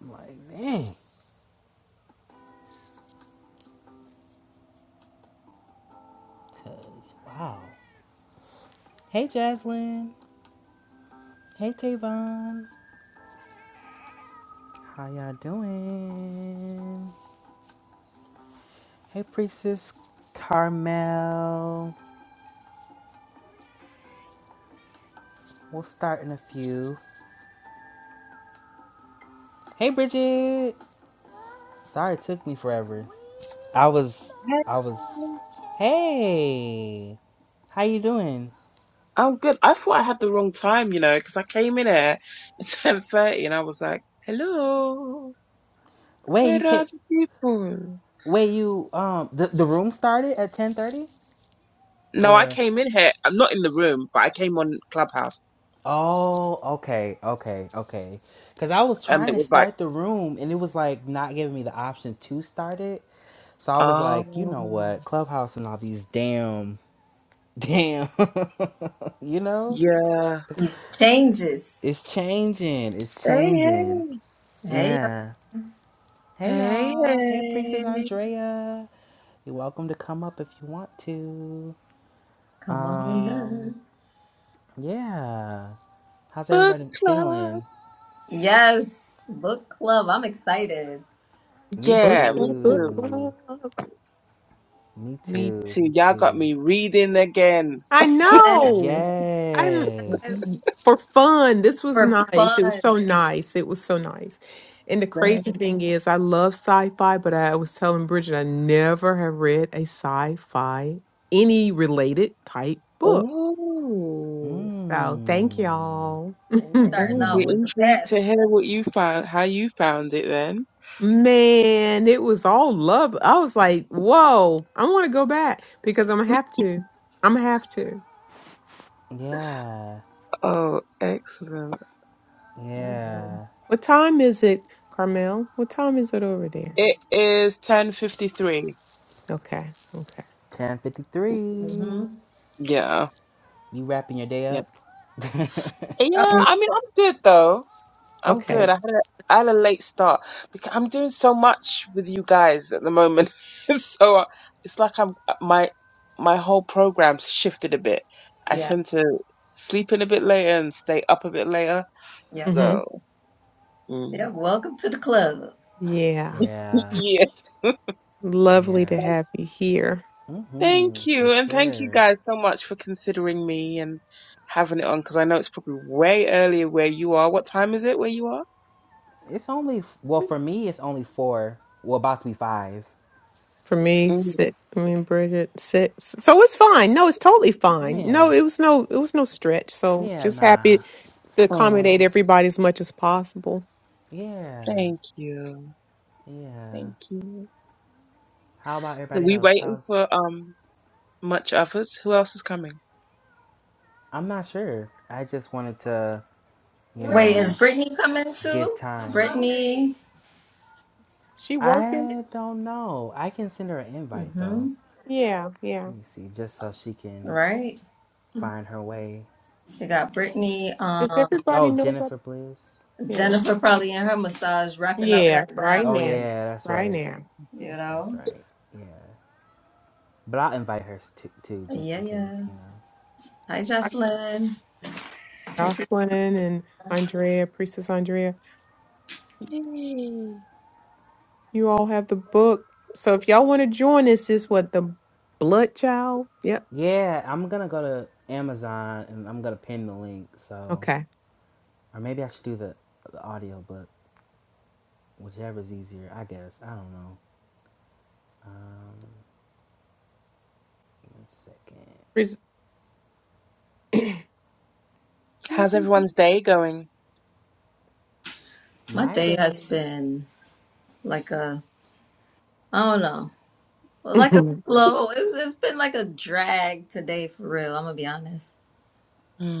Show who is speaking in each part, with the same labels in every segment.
Speaker 1: I'm like, dang. Cause wow. Hey Jaslyn. Hey Tavon. How y'all doing? Hey Priestess Carmel. We'll start in a few. Hey Bridget. Sorry it took me forever. I was
Speaker 2: Hey.
Speaker 1: I was Hey. How you doing?
Speaker 2: I'm good. I thought I had the wrong time, you know, because I came in here at ten thirty, and I was like, "Hello,
Speaker 1: Wait, you
Speaker 2: where are
Speaker 1: can't
Speaker 2: the people?"
Speaker 1: wait you um the, the room started at ten thirty?
Speaker 2: No, I
Speaker 1: Or
Speaker 2: came in here. I'm not in the room, but I came on Clubhouse,
Speaker 1: Oh, okay, okay, okay. Because I was
Speaker 2: and
Speaker 1: trying
Speaker 2: it
Speaker 1: to
Speaker 2: was like,
Speaker 1: start the room and it was like not giving me the option to start it. So I was like, you know
Speaker 2: "Oh,
Speaker 1: what? Clubhouse and all these damn, damn, you know?
Speaker 2: yeah,
Speaker 3: These changes.
Speaker 1: It's changing. It's
Speaker 2: hey,
Speaker 1: changing.
Speaker 3: Hey, y'all,
Speaker 1: Yeah. Hey,
Speaker 2: hey, hey,
Speaker 1: y'all. Hey, Priestess
Speaker 2: hey,
Speaker 1: Andrea. You're welcome to come up if you want to.
Speaker 3: come on up.
Speaker 1: Um, yeah. How's
Speaker 2: book
Speaker 1: everybody
Speaker 2: club."
Speaker 1: feeling?
Speaker 3: Yes, book club. I'm excited.
Speaker 1: Me
Speaker 4: Book
Speaker 2: Yeah, me
Speaker 4: club, book
Speaker 2: too.
Speaker 1: too.
Speaker 4: club.
Speaker 1: Me
Speaker 2: Me
Speaker 1: too.
Speaker 2: too.
Speaker 1: Me
Speaker 2: Y'all got
Speaker 1: too.
Speaker 2: me reading again.
Speaker 4: I
Speaker 3: Yes,
Speaker 4: know. I
Speaker 1: Yes.
Speaker 4: didn't- for fun. This was
Speaker 3: For
Speaker 4: nice. It was
Speaker 3: fun.
Speaker 4: so nice. It was so nice. And the
Speaker 2: Like,
Speaker 4: crazy thing is, I love sci-fi, but I was telling Bridget I never have read a sci-fi any related type book.
Speaker 2: oh.
Speaker 4: So thank
Speaker 1: Mmm.
Speaker 4: y'all.
Speaker 3: And starting
Speaker 2: Oh, we're
Speaker 3: out
Speaker 1: Mmm.
Speaker 3: with the
Speaker 2: intrigued
Speaker 3: best.
Speaker 2: to hear what you found, how you found it then.
Speaker 4: Man, it was all love. I was like, whoa, I want to go back because I'm gonna have to. I'm gonna have to.
Speaker 1: Yeah.
Speaker 2: Oh, excellent.
Speaker 3: mm hmm
Speaker 1: Yeah.
Speaker 4: What time is it, Carmel? What time is it over there?
Speaker 2: It is 10:53.
Speaker 4: Okay. Okay.
Speaker 3: mm
Speaker 1: 1053.
Speaker 3: hmm
Speaker 2: Yeah.
Speaker 1: You wrapping your day
Speaker 2: Yeah.
Speaker 1: up?
Speaker 2: Yeah,
Speaker 3: I mean,
Speaker 2: I mean, I'm good though. I'm
Speaker 4: Okay.
Speaker 2: good. I had a I had a late start because I'm doing so much with you guys at the moment. So uh, it's like I'm uh, my my whole program's shifted a bit. I
Speaker 3: yeah,
Speaker 2: tend to sleep in a bit later and stay up a bit later.
Speaker 3: yeah,
Speaker 4: hmm
Speaker 2: So,
Speaker 3: yeah.
Speaker 2: mm.
Speaker 3: Welcome to the club.
Speaker 4: Yeah.
Speaker 1: yeah.
Speaker 2: yeah.
Speaker 4: Lovely
Speaker 1: Yeah.
Speaker 4: to have you here.
Speaker 1: Mm-hmm.
Speaker 2: Thank
Speaker 1: For
Speaker 2: you, and thank you
Speaker 1: sure.
Speaker 2: guys so much for considering me and having it on because I know it's probably way earlier where you are. What time is it where you are?
Speaker 1: It's only, f- well, for me, it's only four. Well, about to be five.
Speaker 4: For me,
Speaker 2: Mm.
Speaker 4: sit. I mean, Bridget, six. So it's fine. No, it's totally fine. No,
Speaker 1: Yeah.
Speaker 4: it was no, it was no stretch. So
Speaker 1: Yeah,
Speaker 4: just
Speaker 1: nah.
Speaker 4: happy to
Speaker 2: Oh,
Speaker 4: accommodate everybody as much as possible.
Speaker 1: Yeah.
Speaker 2: thank you,
Speaker 1: Yeah.
Speaker 2: thank you.
Speaker 1: How about
Speaker 2: So
Speaker 1: everybody
Speaker 2: we
Speaker 1: else?
Speaker 2: waiting
Speaker 1: How's
Speaker 2: for um much others. Who else is coming?
Speaker 1: I'm not sure. I just wanted to you
Speaker 3: Wait, is
Speaker 1: know,
Speaker 3: Brittany coming
Speaker 1: give
Speaker 3: too?
Speaker 1: time.
Speaker 3: Brittany.
Speaker 4: She working?
Speaker 1: I don't know. I can send her an invite
Speaker 3: Mm-hmm.
Speaker 1: though.
Speaker 4: Yeah. Yeah.
Speaker 1: Let me see, just so she can
Speaker 3: Right.
Speaker 1: find her way.
Speaker 3: We got Brittany,
Speaker 4: Does
Speaker 3: um,
Speaker 4: everybody
Speaker 1: Oh,
Speaker 4: know about?
Speaker 1: Jennifer Bliss.
Speaker 4: Yeah.
Speaker 3: Jennifer probably in her massage wrapping up
Speaker 4: Yeah.
Speaker 3: right now.
Speaker 4: Right
Speaker 1: Oh
Speaker 4: now.
Speaker 1: yeah, that's
Speaker 4: Right
Speaker 1: right.
Speaker 4: now.
Speaker 3: You
Speaker 1: That's
Speaker 3: know?
Speaker 1: right. Yeah, but I'll invite her too, too just
Speaker 3: Yeah,
Speaker 1: in
Speaker 3: yeah.
Speaker 1: case, you know.
Speaker 3: Hi, Jocelyn.
Speaker 4: Jocelyn and Andrea, Priestess Andrea.
Speaker 2: Yay.
Speaker 4: You all have the book. So if y'all want to join us, is what the blood child? Yep.
Speaker 1: Yeah, I'm gonna go to Amazon and I'm gonna pin the link. So,
Speaker 4: Okay.
Speaker 1: or maybe I should do the the audio book, whichever's easier. I guess I don't know. Um, one second.
Speaker 4: Pris-
Speaker 2: How's everyone's day going?
Speaker 3: My
Speaker 1: My
Speaker 3: day has
Speaker 1: day.
Speaker 3: been like a, I don't know, like a
Speaker 4: In
Speaker 3: slow, it's, it's been like a drag today for real. I'm gonna be honest.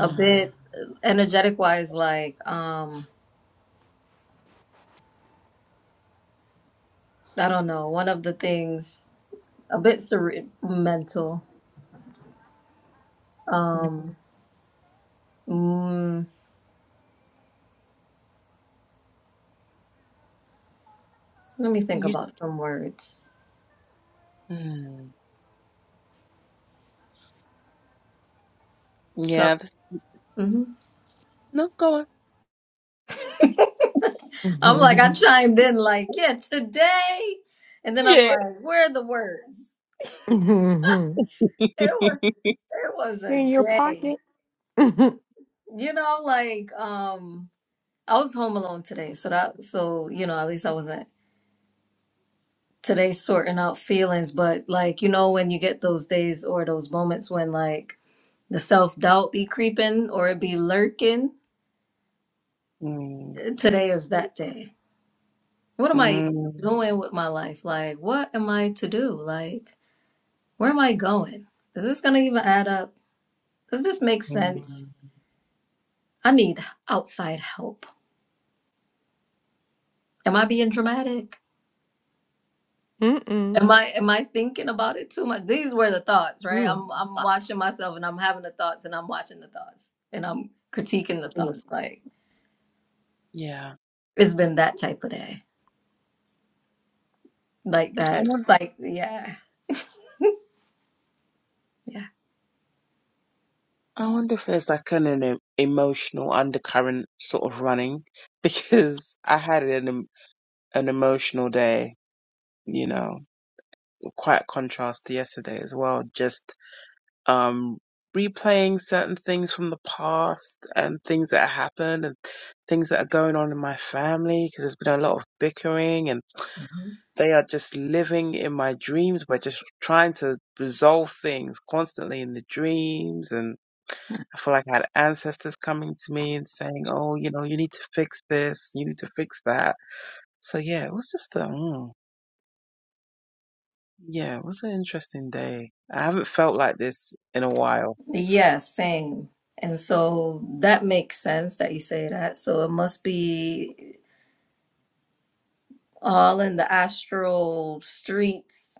Speaker 3: A bit energetic wise, like, um, I don't know, one of the things, a bit cere- mental. Um, mm, let me think
Speaker 2: You.
Speaker 3: about some words.
Speaker 2: Mm. Yeah.
Speaker 3: So,
Speaker 2: This,
Speaker 3: hmm
Speaker 2: no, go on.
Speaker 3: I'm like, I chimed in like, yeah, today. And then I'm
Speaker 2: Yeah.
Speaker 3: like, where are the words? It was, it was a
Speaker 4: your
Speaker 3: day.
Speaker 4: pocket.
Speaker 3: You know, like um I was home alone today, so that so you know, at least I wasn't today sorting out feelings, but like you know when you get those days or those moments when like the self-doubt be creeping or it be lurking,
Speaker 2: Mm.
Speaker 3: today is that day. What am I even
Speaker 2: Mm.
Speaker 3: doing with my life? Like what am I to do? Like where am I going? Is this gonna even add up? Does this make
Speaker 2: Mm.
Speaker 3: sense? I need outside help. Am I being dramatic?
Speaker 4: Mm-mm.
Speaker 3: Am I am I thinking about it too much? These were the thoughts, right?
Speaker 4: Mm.
Speaker 3: I'm I'm watching myself and I'm having the thoughts and I'm watching the thoughts and I'm critiquing the thoughts. Like
Speaker 2: Yeah.
Speaker 3: it's been that type of day. Like that psych yeah. Yeah.
Speaker 2: I wonder if there's like an, an emotional undercurrent sort of running because I had an em- an emotional day, you know, quite a contrast to yesterday as well. Just um replaying certain things from the past and things that happened and things that are going on in my family because there's been a lot of bickering and.
Speaker 3: Mhm.
Speaker 2: They are just living in my dreams. We're just trying to resolve things constantly in the dreams. And I feel like I had ancestors coming to me and saying, oh, you know, you need to fix this, you need to fix that. So yeah, it was just a, mm, yeah, it was an interesting day. I haven't felt like this in a while.
Speaker 3: Yeah, same. And so that makes sense that you say that. So it must be all in the astral streets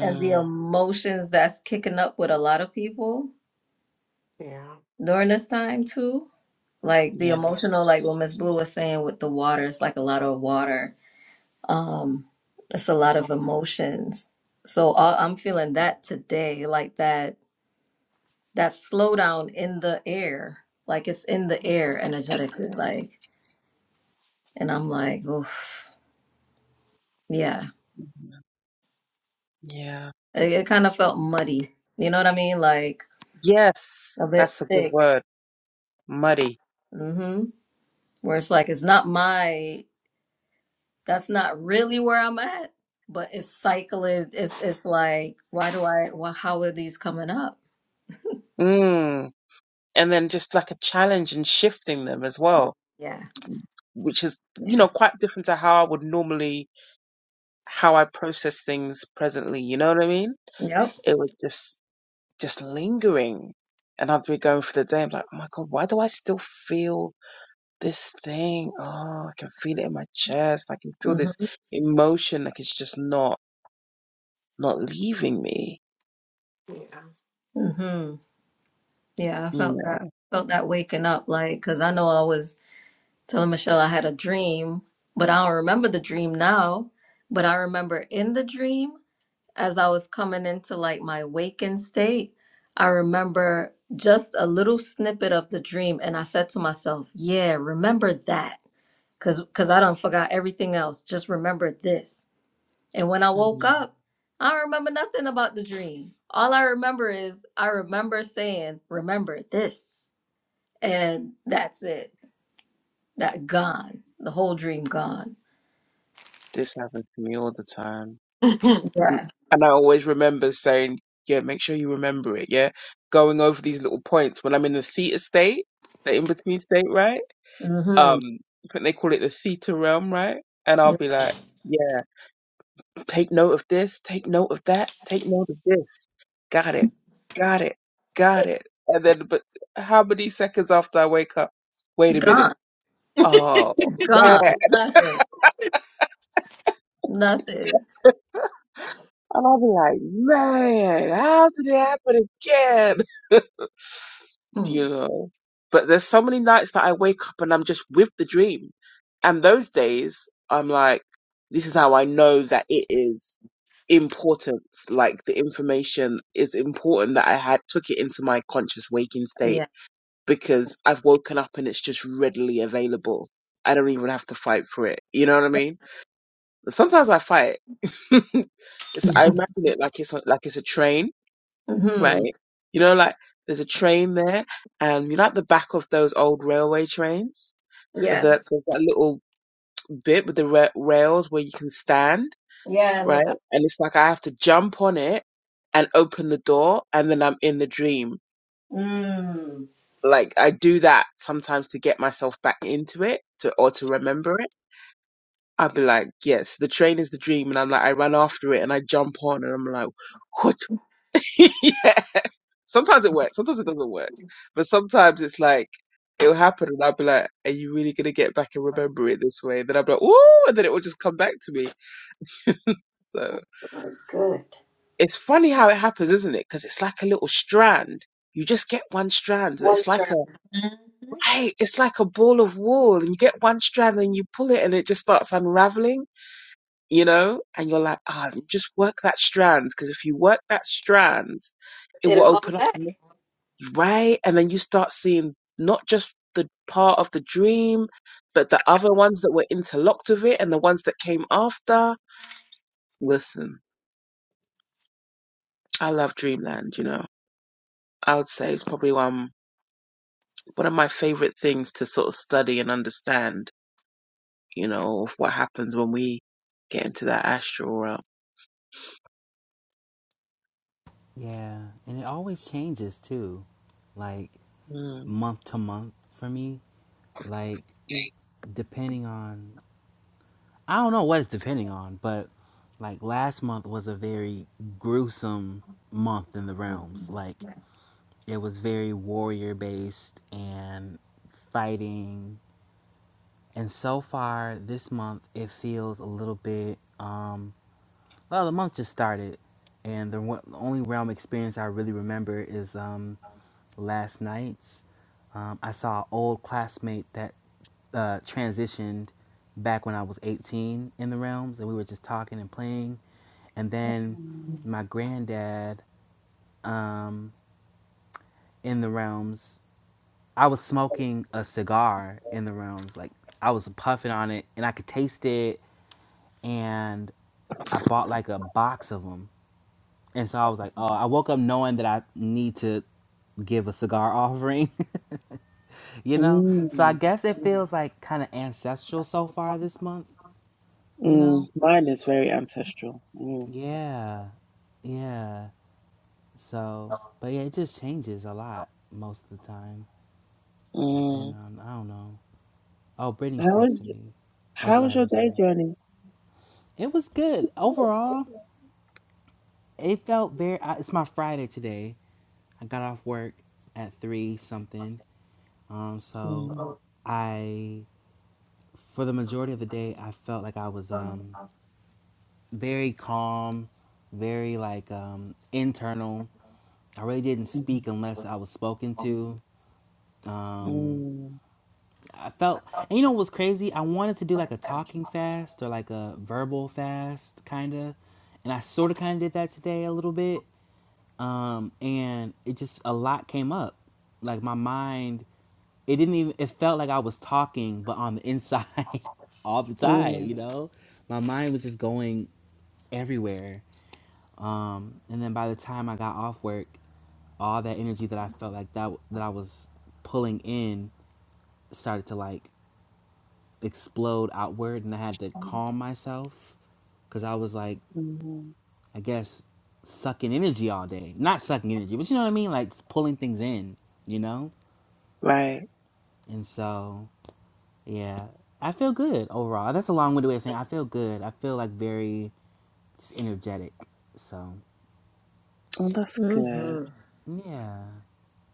Speaker 3: and the emotions that's kicking up with a lot of people
Speaker 4: Yeah.
Speaker 3: during this time too. Like the
Speaker 2: yeah.
Speaker 3: emotional, like what Miss Blue was saying with the water, it's like a lot of water. Um, it's a lot of emotions. So all, I'm feeling that today, like that that slowdown in the air, like it's in the air energetically, like. And I'm like, oof, yeah.
Speaker 2: Yeah.
Speaker 3: It, it kind of felt muddy. You know what I mean? Like
Speaker 2: Yes,
Speaker 3: a bit
Speaker 2: that's a good
Speaker 3: thick.
Speaker 2: word. Muddy.
Speaker 3: Mm-hmm. Where it's like it's not my that's not really where I'm at, but it's cycling. It's it's like, why do I? Well, how are these coming up?
Speaker 2: Mm. And then just like a challenge and shifting them as well.
Speaker 3: Yeah,
Speaker 2: which is you
Speaker 3: yeah,
Speaker 2: know quite different to how I would normally how I process things presently. You know what I mean?
Speaker 3: yep.
Speaker 2: It was just just lingering, and I'd be going through the day. I'm like, oh my god, why do I still feel this thing? Oh, I can feel it in my chest. I can feel
Speaker 3: hmm
Speaker 2: this emotion like it's just not not leaving me.
Speaker 4: Yeah.
Speaker 3: hmm Yeah, I
Speaker 2: You
Speaker 3: felt that. Felt that waking up, like, cause I know I was telling Michelle I had a dream, but I don't remember the dream now. But I remember in the dream, as I was coming into like my waking state, I remember just a little snippet of the dream, and I said to myself, "Yeah, remember that." Cause, cause I done forgot everything else. Just remembered this. And when I woke
Speaker 2: Mhm.
Speaker 3: up, I don't remember nothing about the dream. All I remember is I remember saying, "Remember this," and that's it. That gone. The whole dream gone.
Speaker 2: This happens to me all the time.
Speaker 4: um,
Speaker 2: And,
Speaker 3: Yeah.
Speaker 2: and I always remember saying, yeah, make sure you remember it. Yeah. Going over these little points when I'm in the theta state, the in between state, right?
Speaker 3: Mm-hmm.
Speaker 2: Um, I think they call it the theta realm, right? And I'll
Speaker 3: Yeah.
Speaker 2: be like, yeah, take note of this, take note of that, take note of this. Got it. Got it. Got it. And then, but how many seconds after I wake up? Wait a minute.
Speaker 3: Gone.
Speaker 2: Oh, man.
Speaker 3: Gone. Nothing. Nothing.
Speaker 2: And I'll be like, man, how did it happen again? you
Speaker 3: Mm.
Speaker 2: know. But there's so many nights that I wake up and I'm just with the dream. And those days, I'm like, this is how I know that it is important. Like the information is important that I had took it into my conscious waking state
Speaker 3: Yeah.
Speaker 2: because I've woken up and it's just readily available. I don't even have to fight for it. You know what I mean? Sometimes I fight. it's, I imagine it like it's like it's a train
Speaker 3: Mm-hmm.
Speaker 2: right? You know, like there's a train there, and you know, at the back of those old railway trains, that
Speaker 3: Yeah.
Speaker 2: there's that little bit with the ra- rails where you can stand,
Speaker 3: Yeah.
Speaker 2: right?
Speaker 3: Look up.
Speaker 2: And it's like I have to jump on it and open the door, and then I'm in the dream.
Speaker 3: Mm.
Speaker 2: Like I do that sometimes to get myself back into it, to or to remember it. i would be like, yes, the train is the dream, and I'm like, I run after it and I jump on, and I'm like, what? yeah. Sometimes it works, sometimes it doesn't work. But sometimes it's like it'll happen and I'll be like, Are you really gonna get back and remember it this way? And then I'll be like, Ooh, and then it will just come back to me. So
Speaker 3: Good.
Speaker 2: it's funny how it happens, isn't it? Because it's like a little strand. You just get one strand.
Speaker 3: One
Speaker 2: It's like a
Speaker 3: strap.
Speaker 2: right, it's like a ball of wool, and you get one strand, and you pull it, and it just starts unraveling, you know. And you're like, ah, just work that strand, because if you work that strand, it will
Speaker 3: It'll call me
Speaker 2: open up.
Speaker 3: back.
Speaker 2: right? And then you start seeing not just the part of the dream, but the other ones that were interlocked with it and the ones that came after. Listen, I love Dreamland, you know. I would say it's probably one one of my favorite things to sort of study and understand, you know, of what happens when we get into that astral realm.
Speaker 1: Yeah, and it always changes too, like
Speaker 2: Mm.
Speaker 1: month to month for me. Like depending on, I don't know what it's depending on, but like last month was a very gruesome month in the realms. Like it was very warrior based and fighting. And so far this month, it feels a little bit. Um, well, the month just started, and the one- the only realm experience I really remember is um last nights. Um, I saw an old classmate that uh, transitioned back when I was 18 in the realms, and we were just talking and playing. And then
Speaker 2: Mm.
Speaker 1: my granddad um, in the realms, I was smoking a cigar in the realms. Like I was puffing on it, and I could taste it. And I bought like a box of them. And so I was like, oh, I woke up knowing that I need to give a cigar offering. you know? So I
Speaker 2: Mm.
Speaker 1: guess it feels like kind of ancestral so far this month, you
Speaker 2: Mm.
Speaker 1: know?
Speaker 2: Mine is very ancestral. Mm.
Speaker 1: Yeah. Yeah. So, but yeah, it just changes a lot most of the time, depending
Speaker 2: Mm.
Speaker 1: on, I don't know. Oh,
Speaker 2: How
Speaker 1: Brittany's
Speaker 2: was
Speaker 1: texting me. Oh,
Speaker 2: how
Speaker 1: go
Speaker 2: was
Speaker 1: ahead.
Speaker 2: your
Speaker 1: I'm
Speaker 2: day
Speaker 1: sorry.
Speaker 2: journey?
Speaker 1: It was good. Overall, it felt very, I- it's my Friday today. I got off work at three something. Um, so
Speaker 2: Mm,
Speaker 1: I, for the majority of the day, I felt like I was, um, very calm, very like um, internal. I really didn't
Speaker 2: Hmm.
Speaker 1: speak unless I was spoken to. Um,
Speaker 2: mm,
Speaker 1: I felt, and you know what's crazy? I wanted to do like a talking fast or like a verbal fast, kind of. And I sort of kind of did that today a little bit. Um, and it just, a lot came up. Like my mind, it didn't even, it felt like I was talking, but on the inside all the time,
Speaker 2: mm,
Speaker 1: you know? My mind was just going everywhere Um, and then by the time I got off work, all that energy that I felt like that that I was pulling in started to like explode outward, and I had to calm myself because I was like,
Speaker 2: mm.
Speaker 1: I guess sucking energy all day, not sucking energy, but you know what I mean, like pulling things in, you know.
Speaker 2: Right.
Speaker 1: And so, yeah, I feel good overall. That's a long-winded way of saying I feel good. I feel like very just energetic. So,
Speaker 2: Well, that's good.
Speaker 3: Mm-hmm.
Speaker 1: yeah,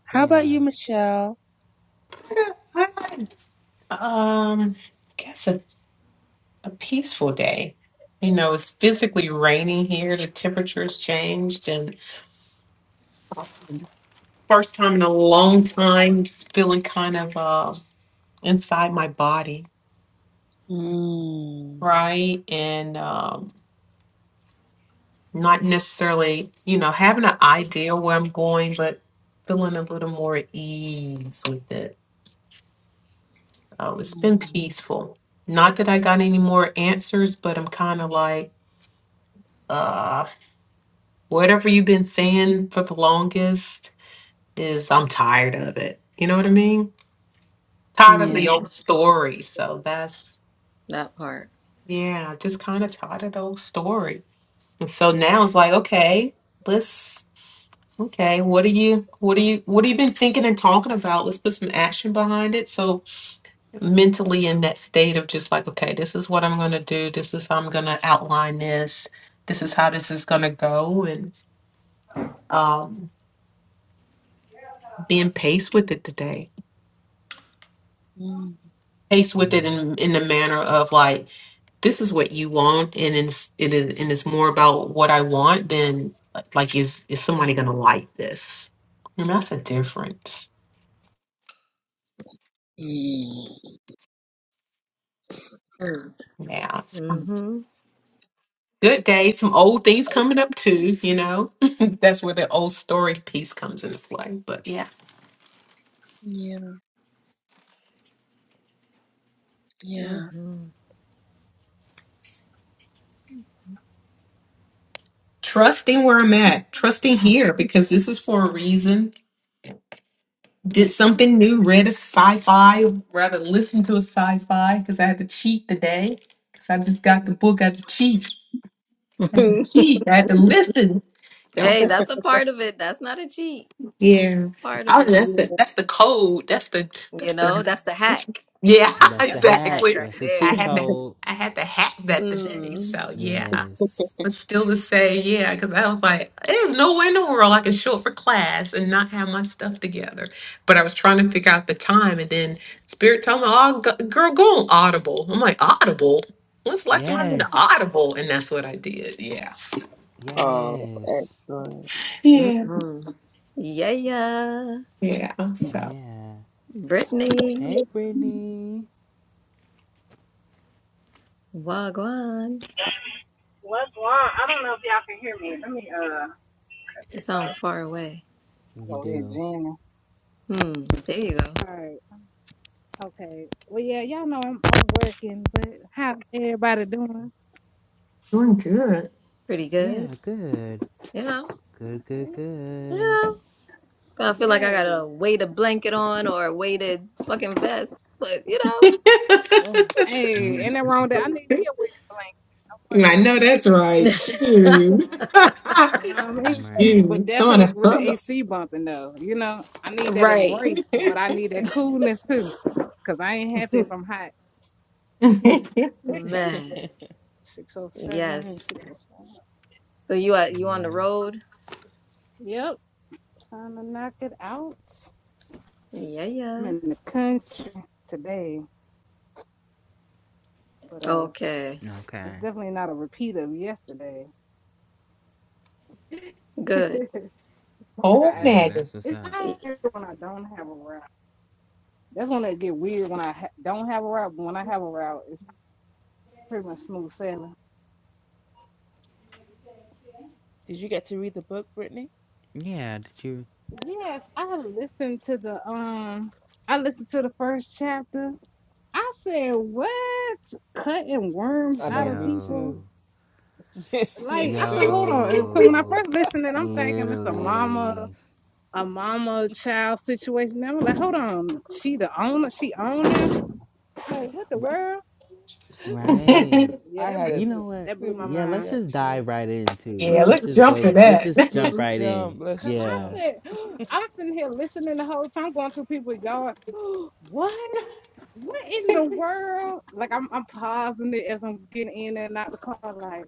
Speaker 2: How about
Speaker 1: yeah,
Speaker 2: you, Michelle?
Speaker 4: I guess a, a peaceful day. You know, it's physically raining here. The temperature's changed, and first time in a long time, just feeling kind of uh, inside my body,
Speaker 2: Mm,
Speaker 4: right? And um, not necessarily, you know, having an idea where I'm going, but feeling a little more at ease with it. Um, it's been
Speaker 2: mm,
Speaker 4: peaceful. Not that I got any more answers, but I'm kind of like, uh, whatever you've been saying for the longest is I'm tired of it. You know what I mean? Tired of
Speaker 2: yeah.
Speaker 4: the old story. So that's
Speaker 3: That part.
Speaker 4: Yeah, just kind of tired of those old story. And so now it's like, okay, let's okay, what are you what are you what have you been thinking and talking about? Let's put some action behind it. So mentally in that state of just like, okay, this is what I'm gonna do, this is how I'm gonna outline this, this is how this is gonna go and um being paced with it today.
Speaker 2: Mm,
Speaker 4: Paced with it
Speaker 1: yeah.
Speaker 4: in in the manner of like this is what you want and it's, it is and it's more about what I want than uh, like is is somebody gonna like this? I mean, that's a difference.
Speaker 2: mm,
Speaker 4: Yeah. it's
Speaker 3: hmm
Speaker 4: Good day. Some old things coming up too, you know. that's where the old story piece comes into play. But yeah.
Speaker 2: yeah. Yeah.
Speaker 3: hmm
Speaker 4: Trusting where I'm at, trusting here because this is for a reason. Did something new, read a sci-fi, rather listen to a sci-fi because I had to cheat today. Because I just got the book, I had to cheat. had to cheat. I had to listen. Y'all,
Speaker 3: hey,
Speaker 4: s-
Speaker 3: that's a part of it. That's not a cheat.
Speaker 4: yeah.
Speaker 3: Part
Speaker 4: I
Speaker 3: of
Speaker 4: was,
Speaker 3: it.
Speaker 4: that's the that's the code. That's the
Speaker 3: You
Speaker 4: that's
Speaker 3: know,
Speaker 4: the
Speaker 3: that's the hack.
Speaker 4: yeah.
Speaker 1: That's the
Speaker 3: That's the
Speaker 1: hack.
Speaker 3: hack
Speaker 4: Exactly.
Speaker 3: right
Speaker 1: That's the
Speaker 4: I
Speaker 1: cheat
Speaker 3: there.
Speaker 4: had to
Speaker 1: code.
Speaker 4: I had to hack that today.
Speaker 3: Mm.
Speaker 4: So yeah.
Speaker 1: Yes.
Speaker 4: But still to say yeah, because I was like, there's no way in the world I can show up for class and not have my stuff together. But I was trying to figure out the time, and then Spirit told me, "Oh, g- girl, go on Audible." I'm like, "Audible? When's the last time I did
Speaker 1: Yes.
Speaker 4: Audible?" And that's what I did. Yeah,
Speaker 2: Oh,
Speaker 1: Yes.
Speaker 2: excellent.
Speaker 4: Yeah.
Speaker 3: hmm Yeah, yeah.
Speaker 4: Yeah, so
Speaker 1: Yeah.
Speaker 3: Brittany.
Speaker 1: Hey, Brittany.
Speaker 3: Wagwan.
Speaker 5: What's wrong? I don't know if y'all can hear me. Let me uh.
Speaker 3: You
Speaker 5: it's,
Speaker 3: sound
Speaker 5: uh,
Speaker 3: far away.
Speaker 1: You
Speaker 5: Go ahead,
Speaker 1: do.
Speaker 5: Gina.
Speaker 3: Hmm. There you go.
Speaker 5: All right. Okay. Well, yeah, y'all know I'm I'm working, but how everybody doing?
Speaker 4: Doing good.
Speaker 3: Pretty good.
Speaker 1: Yeah, good.
Speaker 3: You know.
Speaker 1: Good, good,
Speaker 5: Okay.
Speaker 3: You
Speaker 1: good.
Speaker 3: know. I feel like I
Speaker 5: Yeah.
Speaker 3: gotta weight a blanket on or a weighted fucking vest. But you
Speaker 2: Oh,
Speaker 5: Hey, ain't that wrong with that? I need me
Speaker 4: I
Speaker 5: a wet blanket. I was like,
Speaker 4: know
Speaker 5: you know,
Speaker 4: that's
Speaker 3: know.
Speaker 4: right. Shoot.
Speaker 5: you know what I mean?
Speaker 1: right.
Speaker 5: But
Speaker 4: Shoot. Someone
Speaker 5: definitely
Speaker 4: to
Speaker 5: with the
Speaker 4: fuck up.
Speaker 5: AC bumping though, you know, I need that
Speaker 3: right.
Speaker 5: embrace, but I need that coolness too, cause I ain't happy if I'm hot.
Speaker 3: Man.
Speaker 5: Six oh seven. and
Speaker 3: Yes.
Speaker 5: six oh four.
Speaker 3: So you are you on the
Speaker 1: Yeah.
Speaker 3: road?
Speaker 5: Yep. Time to knock it out.
Speaker 3: Yeah,
Speaker 5: I'm
Speaker 3: yeah.
Speaker 5: in the country today, but uh,
Speaker 3: Okay.
Speaker 1: Okay.
Speaker 5: it's definitely not a repeat of yesterday.
Speaker 3: Good.
Speaker 5: like
Speaker 4: Oh,
Speaker 5: I
Speaker 1: Yeah,
Speaker 5: actually,
Speaker 4: Maggie.
Speaker 1: that's what's
Speaker 5: it's
Speaker 1: up.
Speaker 5: not weird when I don't have a route. That's when it get weird when I ha- don't have a route. But when I have a route, it's pretty much smooth sailing.
Speaker 2: did you get to read the book, Brittany?
Speaker 1: Yeah, did you?
Speaker 5: Yes, I have listened to the um, I listened to the first chapter. I said, "What cutting worms
Speaker 2: I know,
Speaker 5: out of
Speaker 2: me
Speaker 1: Yo.
Speaker 5: people?"
Speaker 2: too.
Speaker 5: S-
Speaker 2: me
Speaker 5: Like I
Speaker 2: too.
Speaker 5: said, hold on. 'Cause When I
Speaker 1: Yo.
Speaker 5: first listened, and I'm thinking it's a mama.
Speaker 1: Literally.
Speaker 5: a mama child situation. And I'm like, hold on, she the owner, she owner. Like, what the world?
Speaker 1: Right.
Speaker 5: Yeah, that blew
Speaker 1: You know
Speaker 5: me.
Speaker 1: what?
Speaker 5: That blew my
Speaker 1: Yeah, let's
Speaker 5: mind.
Speaker 1: just dive right into.
Speaker 4: yeah,
Speaker 3: hmm
Speaker 1: Let's
Speaker 4: let's
Speaker 1: just
Speaker 4: jump
Speaker 1: go.
Speaker 4: for
Speaker 1: Let's
Speaker 4: that.
Speaker 1: just jump right in.
Speaker 5: Cause I
Speaker 1: Yeah.
Speaker 5: said, I am sitting here listening the whole time, going through people's yard. what? What in the world? Like I'm, I'm pausing it as I'm getting in and out the car. Like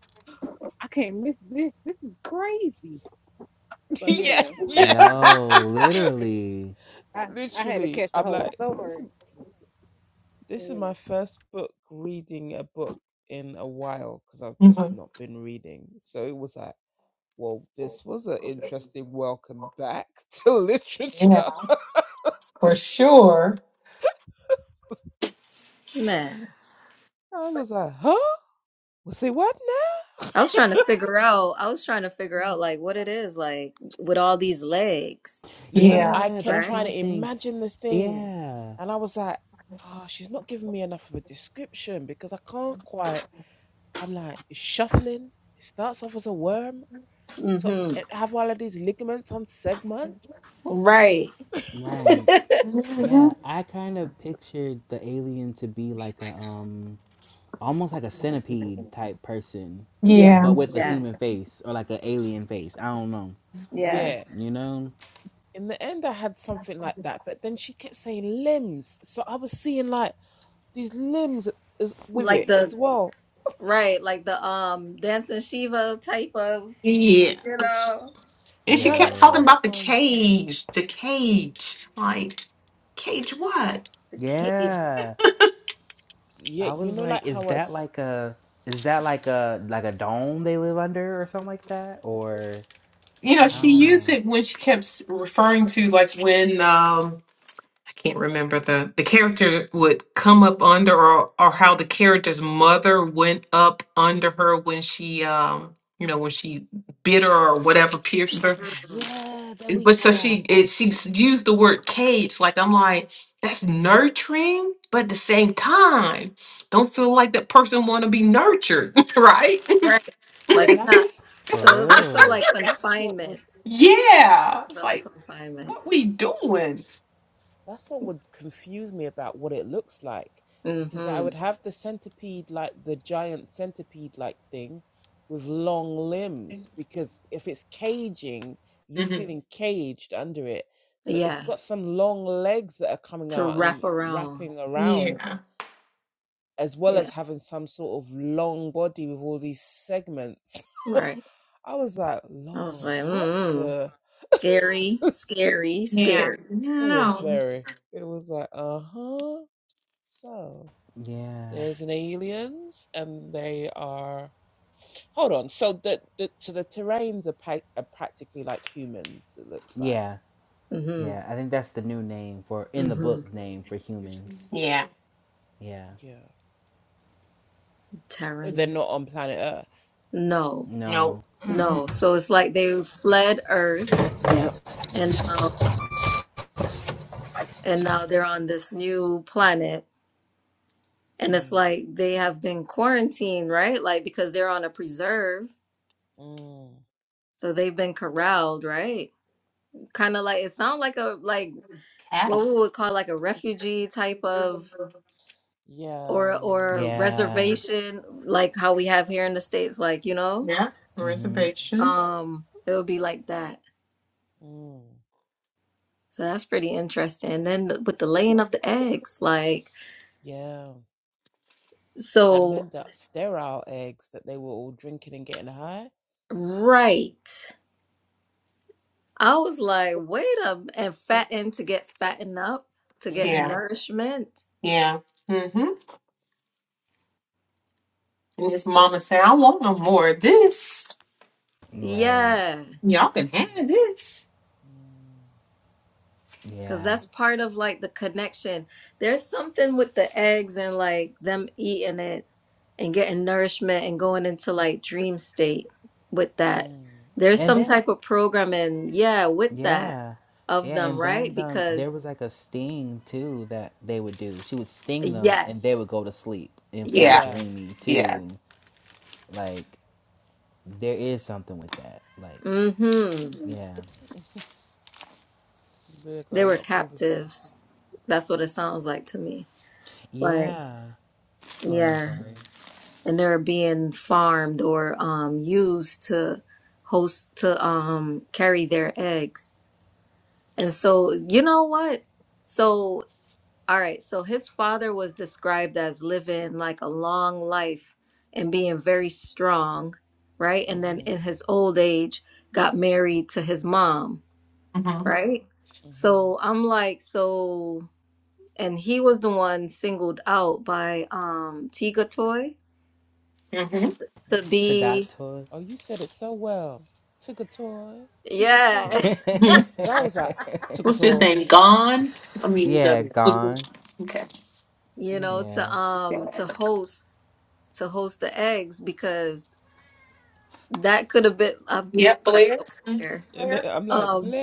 Speaker 5: I can't miss this. This is crazy. So yeah,
Speaker 1: Yo, literally.
Speaker 5: I, I had to catch the whole story. Yeah.
Speaker 4: Mhm.
Speaker 2: happening. So it was like, well, this was an interesting welcome back to
Speaker 4: yeah,
Speaker 2: literature.
Speaker 4: for sure.
Speaker 3: Man,
Speaker 2: I was like, huh? Was it what now?
Speaker 3: I was trying to figure out. I was trying to figure out like what it is like with all these legs,
Speaker 2: Listen,
Speaker 4: Yeah.
Speaker 2: I
Speaker 1: Yeah,
Speaker 2: kept
Speaker 1: that's
Speaker 3: right?
Speaker 2: trying
Speaker 1: my
Speaker 2: to
Speaker 1: thing.
Speaker 2: imagine the thing.
Speaker 1: Yeah.
Speaker 2: And I was like, oh, she's not giving me enough of a description because I can't. I'm like, it's shuffling.
Speaker 3: hmm Right.
Speaker 1: Right.
Speaker 4: hmm
Speaker 1: Yeah, I kind of pictured the alien to be like a um almost like a centipede type person,
Speaker 3: Yeah.
Speaker 4: Yeah.
Speaker 1: but with a
Speaker 3: Yeah.
Speaker 1: human face or like an alien face. I don't know.
Speaker 3: Yeah.
Speaker 1: You know?
Speaker 2: Like, these limbs is with
Speaker 3: Like
Speaker 2: it as
Speaker 3: the
Speaker 2: well.
Speaker 3: right, like the um dancing Shiva type of,
Speaker 4: Yeah.
Speaker 3: you know,
Speaker 4: And she kept talking
Speaker 1: Yo.
Speaker 4: about the cage, the cage. Like, cage what?
Speaker 3: the cage.
Speaker 1: Yeah. I was like, is that like a is that like a like a dome they live under or something like that? Or
Speaker 4: you know
Speaker 1: I
Speaker 4: she
Speaker 1: don't
Speaker 4: used
Speaker 1: know.
Speaker 4: it when she kept s- referring to like when um i can't remember the the character would come up under or or how the character's mother went up under her when she um you know when she bit her or whatever pierced her
Speaker 3: Mhm.
Speaker 4: It- but so she it, she s- used the word cage like i'm like that's nurturing but at the same time don't feel like that person want to be nurtured right
Speaker 3: Right. Like it's not.
Speaker 1: For
Speaker 3: So it, it felt
Speaker 1: real.
Speaker 3: like confinement.
Speaker 4: yeah it's
Speaker 3: Felt like
Speaker 4: like
Speaker 3: confinement.
Speaker 4: what we doing
Speaker 3: Mm-hmm.
Speaker 4: hmm
Speaker 3: Yeah. To wrap around.
Speaker 4: yeah
Speaker 3: Yeah. Right. I was like, mm-mm. Scary, scary,
Speaker 4: Yeah.
Speaker 3: scary.
Speaker 4: No.
Speaker 1: Yeah. Yeah. Yeah.
Speaker 3: Mm-hmm.
Speaker 1: I think that's the new name for in the
Speaker 3: Mm-hmm.
Speaker 1: book name for humans.
Speaker 4: Yeah.
Speaker 1: Yeah.
Speaker 3: Terrans. No.
Speaker 4: Nope.
Speaker 1: No.
Speaker 3: No. So it's like they fled Earth
Speaker 5: Yep,
Speaker 3: and
Speaker 1: hmm
Speaker 3: now and now they're on this new planet. And it's like they have been quarantined, right? Like because they're on a preserve. So they've been corralled, right? Kind of like it sounds like a like what we would call like a refugee type of
Speaker 2: Yeah,
Speaker 3: or
Speaker 2: yeah,
Speaker 3: or
Speaker 2: yeah.
Speaker 1: Yeah.
Speaker 3: reservation like how we have here in the States, like, you know,
Speaker 4: Yeah.
Speaker 1: hmm
Speaker 4: Reservation.
Speaker 3: um, it would be like that.
Speaker 2: Mm,
Speaker 3: So that's pretty interesting. And then the, with the laying of the eggs, like,
Speaker 2: yeah. I
Speaker 3: so
Speaker 2: meant that sterile eggs that they were all drinking and getting high.
Speaker 3: right. I was like, wait a m- and fatten to get fattened up, to get
Speaker 4: Yeah.
Speaker 3: nourishment.
Speaker 4: Yeah. Mm-hmm. And his mama said, I want no more of this.
Speaker 1: Right.
Speaker 3: Yeah,
Speaker 4: Y'all can have this.
Speaker 3: because
Speaker 1: Yeah.
Speaker 3: that's part of like the connection. There's something with the eggs and like them eating it and getting nourishment and going into like dream state with that. There's
Speaker 1: And
Speaker 3: some
Speaker 1: then
Speaker 3: type of programming, yeah, with that
Speaker 1: yeah.
Speaker 3: of
Speaker 1: Yeah,
Speaker 3: them,
Speaker 1: and then
Speaker 3: right?
Speaker 1: um, there
Speaker 3: Because
Speaker 1: was like a sting too that they would do. She would sting them, and they would
Speaker 3: yes,
Speaker 1: go to sleep and feel
Speaker 4: Yeah.
Speaker 3: yes.
Speaker 1: dreamy
Speaker 4: Yeah.
Speaker 1: too. Like there is something with that. Like
Speaker 3: Mm-hmm.
Speaker 1: yeah,
Speaker 3: They were captives. That's what it sounds like to me. Right.
Speaker 1: yeah. Go ahead. I'm
Speaker 3: Yeah.
Speaker 1: sorry.
Speaker 3: And they're being farmed or um used to host to um carry their eggs. And so, you know what? So. All right, so his father was described as living like a long life and being very strong, right? And then in his old age, got married to his mom,
Speaker 4: Mm-hmm.
Speaker 3: right? So I'm like, so, and he was the one singled out by um Tiga Toy
Speaker 4: Mm-hmm.
Speaker 3: to be,
Speaker 1: Tagato.
Speaker 3: yeah,
Speaker 4: hmm What's this name? Gone? I mean,
Speaker 1: yeah,
Speaker 4: the.
Speaker 1: gone.
Speaker 4: Okay.
Speaker 3: you know,
Speaker 1: Yeah,
Speaker 3: to um to host to host the eggs because that could have been I'm
Speaker 4: Yep,
Speaker 3: cracking
Speaker 4: Blair.
Speaker 3: up
Speaker 4: Mhm,
Speaker 3: there.
Speaker 4: Blair.
Speaker 3: Um,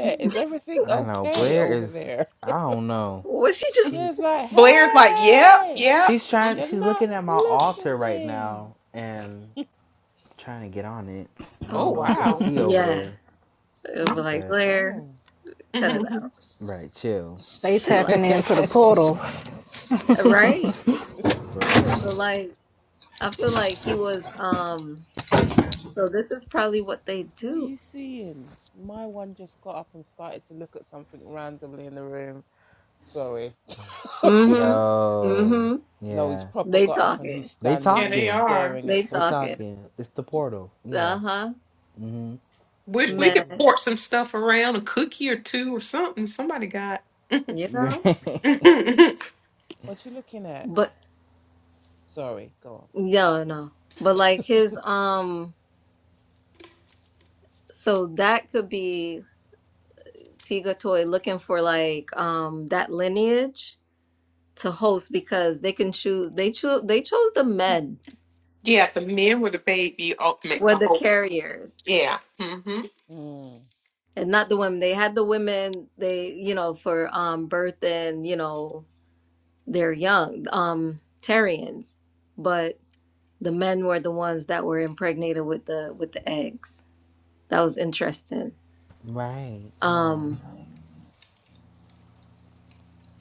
Speaker 1: I know. Blair is. I don't know.
Speaker 3: what she
Speaker 1: She
Speaker 4: Blair's like, yep, yep.
Speaker 1: she's
Speaker 4: Mhm.
Speaker 1: trying. She's looking at my altar right
Speaker 2: Mm.
Speaker 1: now and trying to get on it. I
Speaker 4: Oh,
Speaker 1: don't
Speaker 3: Oh,
Speaker 1: know what she
Speaker 4: wow.
Speaker 1: see over
Speaker 3: yeah.
Speaker 1: there,
Speaker 3: It'll be
Speaker 4: Mhm.
Speaker 3: like,
Speaker 1: but
Speaker 3: Blair, cut it out.
Speaker 1: right, chill.
Speaker 5: they
Speaker 3: Chill
Speaker 5: tapping
Speaker 3: out.
Speaker 5: into the
Speaker 1: For
Speaker 5: portal.
Speaker 3: Right? So
Speaker 1: real.
Speaker 3: like I feel like he was um so this is probably what they do.
Speaker 2: My one just got up and started to look at something randomly in the room.
Speaker 3: Mm-hmm.
Speaker 1: Yo.
Speaker 3: Mm-hmm.
Speaker 2: No, he's
Speaker 1: Yeah.
Speaker 2: proper
Speaker 3: They
Speaker 2: got up and he's
Speaker 3: talking.
Speaker 1: They
Speaker 2: standing and
Speaker 4: yeah,
Speaker 2: he's
Speaker 4: they
Speaker 1: talking.
Speaker 4: are.
Speaker 2: staring at
Speaker 3: They
Speaker 1: They
Speaker 3: talking.
Speaker 2: something.
Speaker 1: talking. It's the portal. Yeah.
Speaker 3: Uh-huh.
Speaker 4: Wish
Speaker 2: Yeah,
Speaker 4: we
Speaker 2: he's.
Speaker 4: could
Speaker 3: Man.
Speaker 4: port some stuff around, a cookie or two or something. Somebody got.
Speaker 3: You know?
Speaker 4: yeah,
Speaker 2: What you looking at?
Speaker 3: But
Speaker 2: Sorry, go on.
Speaker 3: no, no. But like his um so that could be Tiga Toy looking for like um that lineage to host because they can choose they choose they chose the men
Speaker 4: the men with the baby oh, make
Speaker 3: were
Speaker 4: the
Speaker 3: the
Speaker 4: whole.
Speaker 3: carriers
Speaker 4: Yeah. Mhm.
Speaker 3: and not the women. They had the women they you know for um birth and you know their young um Tarians, but the men were the ones that were impregnated with the with the eggs. That was interesting.
Speaker 1: Right. Yeah.
Speaker 3: Um,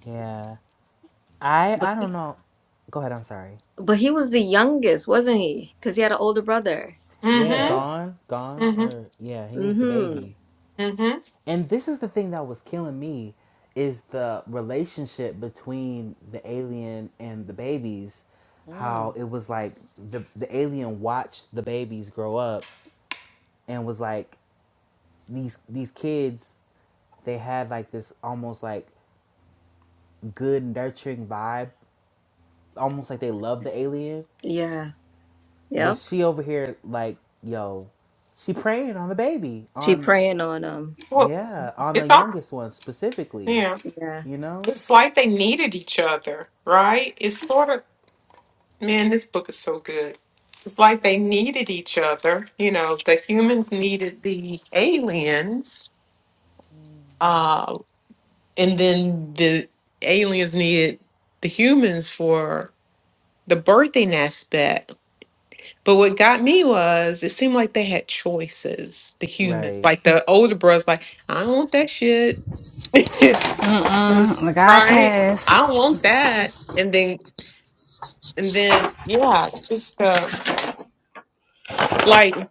Speaker 1: Yeah. I
Speaker 3: but
Speaker 1: I don't
Speaker 3: he,
Speaker 1: know. Go ahead. I'm sorry.
Speaker 3: but he was the youngest, wasn't he? Because he had an older brother.
Speaker 4: mm
Speaker 1: Yeah.
Speaker 4: Mhm.
Speaker 1: Gone. Gone.
Speaker 4: Mhm.
Speaker 1: Or yeah. He was the
Speaker 3: Mm-hmm.
Speaker 1: baby.
Speaker 4: Mhm.
Speaker 1: And this is the thing that was killing me is the relationship between the alien and the babies. How it was like the the alien watched the babies grow up and was like these these kids they had like this almost like good nurturing vibe almost like they love the alien.
Speaker 3: Yeah.
Speaker 1: But
Speaker 3: Yep.
Speaker 1: she over here like, yo, she preying on the baby.
Speaker 3: She
Speaker 1: On
Speaker 3: praying on him.
Speaker 4: Well,
Speaker 1: yeah, on the
Speaker 4: it's all.
Speaker 1: youngest one specifically.
Speaker 4: Yeah,
Speaker 3: Yeah.
Speaker 1: You know?
Speaker 4: it's like they needed each other, right? It's sort of. Man, this book is so good. It's like they needed each other. You know, the humans needed the aliens, uh, and then the aliens needed the humans for the birthing aspect. But what got me was it seemed like they had choices, the humans.
Speaker 1: Right.
Speaker 4: Like the older brothers, like, I don't want that shit.
Speaker 3: Mm.
Speaker 5: Mm-mm, like I
Speaker 4: right?
Speaker 5: pass.
Speaker 4: I don't want that. And then and then yeah, just um like to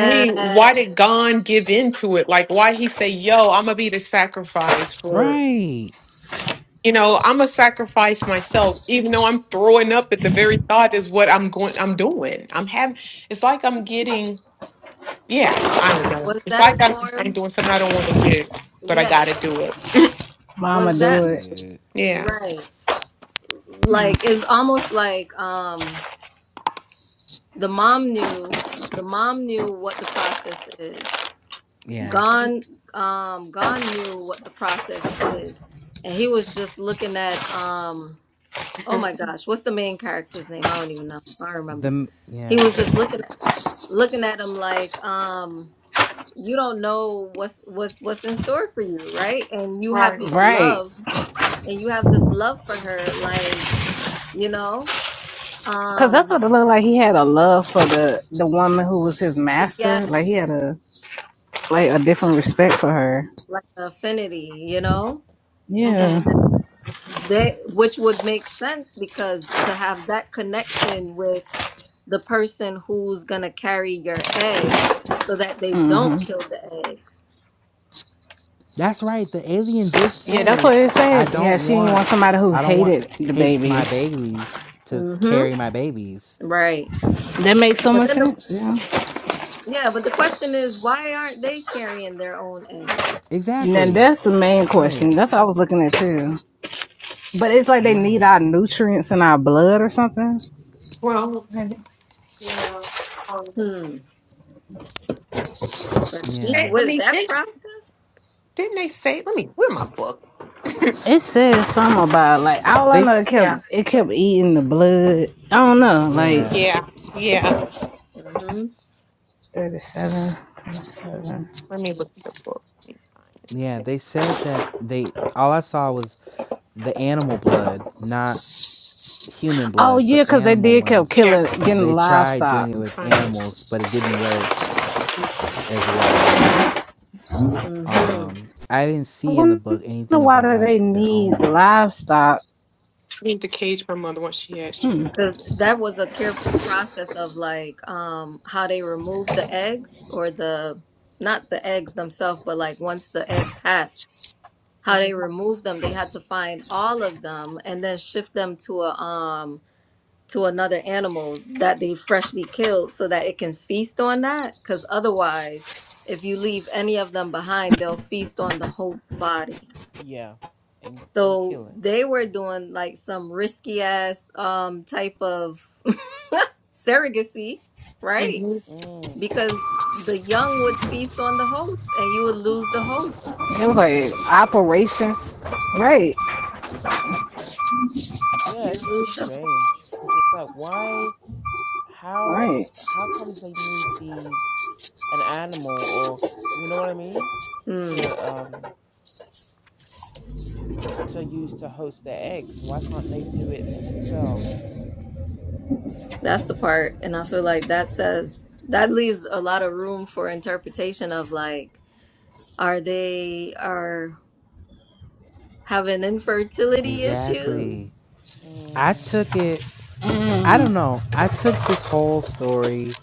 Speaker 4: me, why did Gon give into it? Like why he say, Yo, I'ma be the sacrifice for
Speaker 1: Right.
Speaker 4: you know, I'm a sacrifice myself, even though I'm throwing up at the very thought is what I'm going I'm doing. I'm having it's like I'm getting Yeah, I don't know.
Speaker 3: Was
Speaker 4: It's
Speaker 3: that a
Speaker 4: like I'm, I'm
Speaker 3: form?
Speaker 4: doing something I don't want to do, but I
Speaker 3: Yeah,
Speaker 4: got to
Speaker 3: but
Speaker 4: do it.
Speaker 5: Mama
Speaker 3: was that?
Speaker 5: do it.
Speaker 1: Shit.
Speaker 4: Yeah.
Speaker 3: Right. Like it's almost like um the mom knew the mom knew what the process is.
Speaker 1: Yeah.
Speaker 3: Gon um Gon knew what the process is. And he was just looking at um oh
Speaker 4: Mhm.
Speaker 3: my gosh, what's the main character's name? I don't even know. I don't remember.
Speaker 1: The
Speaker 3: He
Speaker 1: yeah.
Speaker 3: was just looking at looking at him like um you don't know what's what's what's in store for you, right? And you have
Speaker 4: right.
Speaker 3: this
Speaker 5: Right.
Speaker 3: love and you have this love for her like, you know?
Speaker 5: Cause that's
Speaker 3: Um
Speaker 5: what it looked like. He had a love for the the woman who was his master. Like he
Speaker 3: Yes,
Speaker 5: had a like a different respect for her.
Speaker 3: like affinity, you know? And
Speaker 5: Yeah.
Speaker 4: hmm
Speaker 3: they, which would make sense because to have that connection with the person who's gonna carry your eggs so that they
Speaker 5: hmm
Speaker 3: don't kill the eggs.
Speaker 1: That's right. The alien did
Speaker 5: Yeah, that's
Speaker 1: say,
Speaker 5: what it
Speaker 1: I
Speaker 5: said. Yeah,
Speaker 1: don't
Speaker 5: she didn't
Speaker 1: want
Speaker 5: want somebody who
Speaker 1: I don't want
Speaker 5: hated the
Speaker 1: hates my
Speaker 5: babies.
Speaker 1: babies to
Speaker 3: Mm-hmm.
Speaker 1: carry my babies.
Speaker 3: Right.
Speaker 5: That makes so
Speaker 3: But
Speaker 5: much
Speaker 3: then the,
Speaker 5: sense. Yeah.
Speaker 3: yeah, but the question is why aren't they carrying their own eggs?
Speaker 5: Now
Speaker 1: Exactly.
Speaker 5: that's the main
Speaker 1: Right.
Speaker 5: question. That's what I was looking at too. But it's like they need
Speaker 1: Right.
Speaker 5: our nutrients in our blood or something.
Speaker 4: Well, yeah. Um,
Speaker 3: Hmm. But gee
Speaker 4: I
Speaker 1: Yeah.
Speaker 4: I
Speaker 3: whiz,
Speaker 4: mean,
Speaker 3: that
Speaker 4: did,
Speaker 3: process?
Speaker 4: didn't they say? Let me. Where my book?
Speaker 5: It says something about like all I
Speaker 1: They
Speaker 5: know.
Speaker 1: s-
Speaker 5: It kept
Speaker 4: Yeah.
Speaker 5: it kept eating the blood. I don't know. Like
Speaker 3: Mm-hmm.
Speaker 1: yeah.
Speaker 4: Yeah. Yeah.
Speaker 3: Mm-hmm.
Speaker 5: 37, twenty-seven.
Speaker 4: Let me look at the book. Let me find this.
Speaker 1: Yeah,
Speaker 4: thing.
Speaker 1: they said that they all I saw was the animal blood, not human
Speaker 5: Oh
Speaker 1: blood, but
Speaker 5: yeah, because they
Speaker 1: animal
Speaker 5: did kept
Speaker 1: ones.
Speaker 4: Yeah,
Speaker 5: killing, getting
Speaker 1: They tried
Speaker 5: livestock.
Speaker 1: doing it with
Speaker 4: find this.
Speaker 1: animals, but it didn't work as
Speaker 4: I
Speaker 1: well.
Speaker 3: mm-hmm.
Speaker 1: Um, I didn't
Speaker 5: I
Speaker 1: see in the
Speaker 5: wonder
Speaker 1: book anything
Speaker 5: why
Speaker 1: about
Speaker 5: do they
Speaker 1: like their
Speaker 5: need
Speaker 1: own.
Speaker 5: livestock?
Speaker 4: need to cage my mother once she had she moved.
Speaker 3: Because that was a careful process of like um how they remove the eggs or the not the eggs themselves, but like once the eggs hatch, how they remove them, they had to find all of them and then shift them to a um to another animal that they freshly killed so that it can feast on that. Because otherwise, if you leave any of them behind, they'll feast on the host body. So they were doing like some risky ass um type of surrogacy, right?
Speaker 4: Mm-hmm.
Speaker 3: Because the young would feast on the host and you would lose the host.
Speaker 5: It was like operations, right?
Speaker 2: Yeah,
Speaker 3: You
Speaker 2: it's really
Speaker 3: lose the
Speaker 2: strange because it's like, why? How?
Speaker 5: Right.
Speaker 2: How comes they need these an animal or you know what I mean
Speaker 3: Mm,
Speaker 2: to um to use to host their eggs? Why can't they do it themselves?
Speaker 3: that's the part. And I feel like that says that leaves a lot of room for interpretation of like, are they are having infertility issues?
Speaker 1: Exactly. I
Speaker 2: Mm.
Speaker 1: took it, I don't
Speaker 5: Mm,
Speaker 1: know, I took this whole story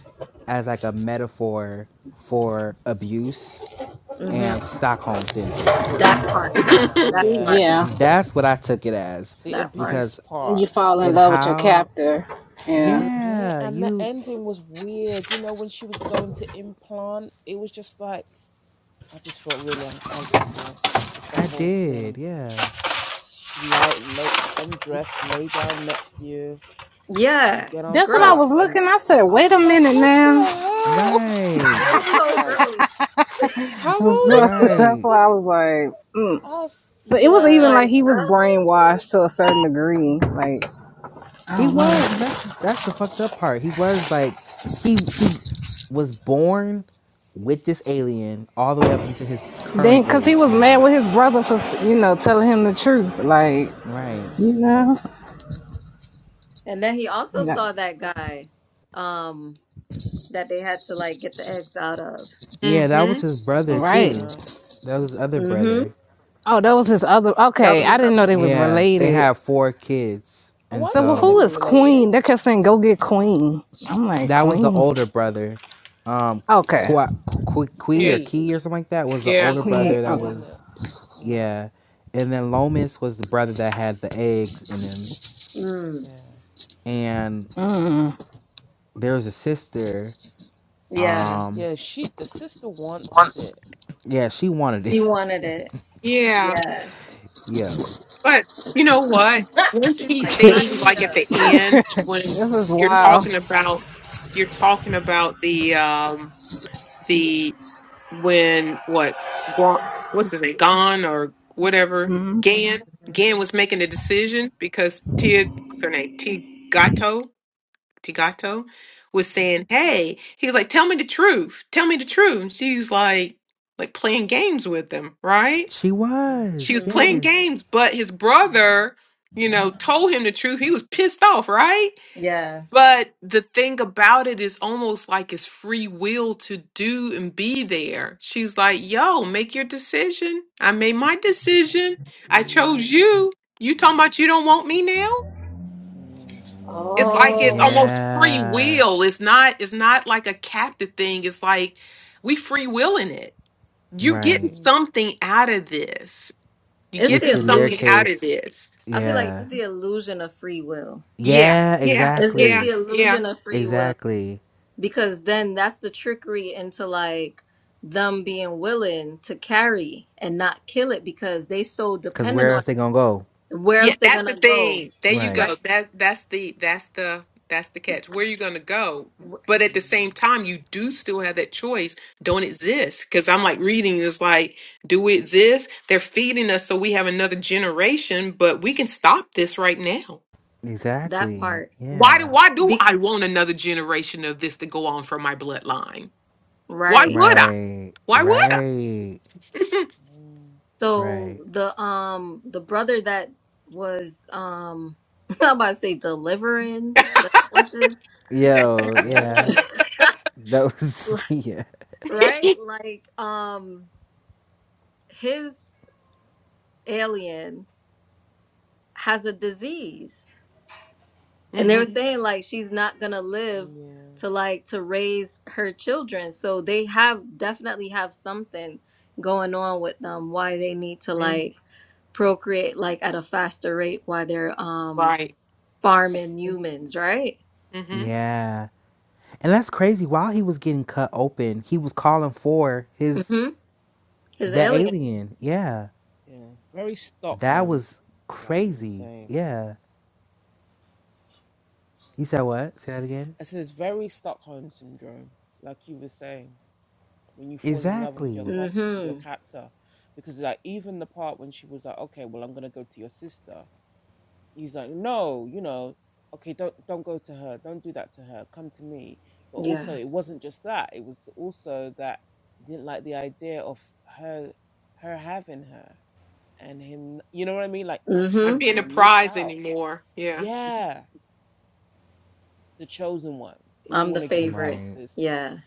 Speaker 1: as like a metaphor for abuse
Speaker 3: hmm
Speaker 1: and Stockholm syndrome.
Speaker 3: That part.
Speaker 2: Oh
Speaker 3: That
Speaker 4: hmm
Speaker 2: yeah,
Speaker 3: part.
Speaker 5: yeah,
Speaker 1: That's what I took it as
Speaker 2: the
Speaker 3: That part.
Speaker 2: abuse
Speaker 1: because
Speaker 2: part.
Speaker 5: you fall in
Speaker 1: and
Speaker 5: love with your
Speaker 1: how
Speaker 5: captor. Yeah,
Speaker 3: Mm.
Speaker 2: Yeah,
Speaker 1: yeah
Speaker 2: and the
Speaker 1: you
Speaker 2: ending was weird. You know, when she was going to implant, it was just like I just felt really uncomfortable with the
Speaker 1: i
Speaker 2: whole
Speaker 1: did
Speaker 2: thing.
Speaker 1: yeah
Speaker 2: She like lay undressed, lay down next to you. Like,
Speaker 3: Yeah.
Speaker 5: that's what I was
Speaker 3: Gross.
Speaker 5: looking. I said, wait a minute now.
Speaker 1: right
Speaker 4: hmm
Speaker 3: That's so gross.
Speaker 5: So, that's
Speaker 1: right
Speaker 5: why I was like. Mm. So it was
Speaker 3: I was
Speaker 2: yeah,
Speaker 5: even like
Speaker 3: like,
Speaker 5: he was
Speaker 3: "Oh."
Speaker 5: brainwashed to a certain degree. Like I
Speaker 1: he
Speaker 5: don't know.
Speaker 1: was and that's that's the fucked up part he was like he he was born with this alien all the way up
Speaker 3: Mhm.
Speaker 1: into his current
Speaker 5: Then, cause he
Speaker 1: age
Speaker 5: was mad
Speaker 1: now
Speaker 5: with his brother for you know telling him the truth, like
Speaker 1: right
Speaker 5: you know,
Speaker 3: and then he also saw that guy um that they had to like get the eggs out of.
Speaker 1: yeah that was
Speaker 4: Mm-hmm.
Speaker 1: his brother
Speaker 5: right?
Speaker 1: too that was his other
Speaker 3: Mm-hmm.
Speaker 1: brother
Speaker 5: Oh, that was his other.
Speaker 3: That
Speaker 5: Okay,
Speaker 3: was
Speaker 5: I
Speaker 3: his
Speaker 5: didn't know
Speaker 3: other
Speaker 5: they was
Speaker 1: yeah they
Speaker 5: related.
Speaker 1: have four kids and
Speaker 5: So, well,
Speaker 1: so
Speaker 5: who is Queen? They kept saying, "Go get Queen." I'm like,
Speaker 1: That was the
Speaker 5: Queen.
Speaker 1: older brother. Um,
Speaker 5: Okay,
Speaker 1: Kui Kui or
Speaker 4: Yeah.
Speaker 1: Key or something like that was the
Speaker 4: Yeah.
Speaker 1: older
Speaker 5: Queen.
Speaker 1: brother that
Speaker 5: Okay.
Speaker 1: was, yeah. And then Lomas was the brother that had the eggs in him.
Speaker 3: mm.
Speaker 1: And
Speaker 5: Mm,
Speaker 1: there was a sister.
Speaker 3: Yeah.
Speaker 1: Um, yeah, she wanted it.
Speaker 3: She wanted it.
Speaker 4: Yeah.
Speaker 3: Yeah.
Speaker 1: Yo.
Speaker 4: But you know what? One
Speaker 3: She's
Speaker 4: key
Speaker 3: like,
Speaker 4: thing,
Speaker 3: sign
Speaker 1: she
Speaker 3: me
Speaker 4: like at
Speaker 3: up.
Speaker 4: the end, when
Speaker 5: this is
Speaker 4: you're
Speaker 5: wild.
Speaker 4: talking about you're talking about the um the when what Gon- what's his name? Gon or whatever.
Speaker 5: Mm.
Speaker 4: Gan. Gan was making the decision because Tia what's her name? T Gato. Tigato was saying, Hey, he was like, Tell me the truth. Tell me the truth. And she's like like playing games with him, right?
Speaker 1: she
Speaker 4: she
Speaker 1: was,
Speaker 4: was playing
Speaker 3: Mm-hmm.
Speaker 1: yes.
Speaker 4: games, but his brother, you know, told him the truth. He was pissed off, right?
Speaker 3: Yeah.
Speaker 4: But the thing about it is almost like it's free will to do and be there. She's like, yo, make your decision. I made my decision. I chose you. You talking about you don't want me now? It's like it's
Speaker 3: Oh.
Speaker 4: almost free
Speaker 1: Yeah,
Speaker 4: will. It's not it's not like a captive thing. It's like we free willing it. You getting
Speaker 1: right.
Speaker 4: something out of this. You
Speaker 3: It's the
Speaker 1: Which
Speaker 4: getting
Speaker 1: in their
Speaker 4: something out
Speaker 3: illusion.
Speaker 4: of
Speaker 1: case,
Speaker 4: this.
Speaker 3: I feel like
Speaker 1: yeah.
Speaker 3: it's the illusion of free will.
Speaker 4: Yeah,
Speaker 1: Yeah,
Speaker 4: yeah,
Speaker 3: It's it's
Speaker 4: yeah,
Speaker 3: the
Speaker 1: exactly.
Speaker 4: yeah,
Speaker 3: illusion of free will.
Speaker 1: Exactly.
Speaker 3: because then that's the trickery into like them being willing to carry and not kill it because they so
Speaker 1: Because
Speaker 3: dependent
Speaker 1: where
Speaker 3: on
Speaker 1: else
Speaker 3: it.
Speaker 1: they going to go?
Speaker 3: Where
Speaker 4: yeah.
Speaker 3: else they're
Speaker 4: That's the
Speaker 3: gonna go,
Speaker 4: thing. There you
Speaker 1: Right.
Speaker 4: go.
Speaker 3: right?
Speaker 4: That's that's the that's the that's the catch. Where you gonna go?
Speaker 3: Wh-
Speaker 4: But at the same time, you do still have that choice. Don't exist because I'm like reading is like, do we exist? They're feeding us so we have another generation, but we can stop this right now.
Speaker 3: That
Speaker 1: Exactly.
Speaker 3: part,
Speaker 4: Why do
Speaker 1: Yeah.
Speaker 4: why do
Speaker 3: Be-
Speaker 4: I want another generation of this to go on from my bloodline? Why
Speaker 3: right?
Speaker 4: would I?
Speaker 1: Right.
Speaker 4: Why would
Speaker 1: Right.
Speaker 3: So
Speaker 1: Right.
Speaker 3: the um the brother that was um I'm about to say delivering the clutches,
Speaker 1: Yo, yeah. That was yeah.
Speaker 3: right?
Speaker 4: I?
Speaker 3: Like um his alien has a disease And they were
Speaker 4: hmm
Speaker 3: saying like she's not gonna live to like to raise her children. So they have definitely have something going on with them why they need to like procreate like at a faster rate while they're um
Speaker 4: Right.
Speaker 3: farming humans, right?
Speaker 4: Mhm.
Speaker 1: Yeah. And that's crazy. While he was getting cut open, he was calling for his
Speaker 3: Mm-hmm. His
Speaker 1: the
Speaker 3: alien.
Speaker 1: alien. Yeah. That was crazy. Yeah. You said what? Say that again? Exactly.
Speaker 3: Mm-hmm.
Speaker 2: because like even the part when she was like, "Okay, well, I'm gonna go to your sister,"
Speaker 3: Yeah.
Speaker 4: Not
Speaker 3: Mm-hmm.
Speaker 4: being a prize anymore. Yeah.
Speaker 3: I'm the favorite.
Speaker 1: Right.
Speaker 3: Yeah.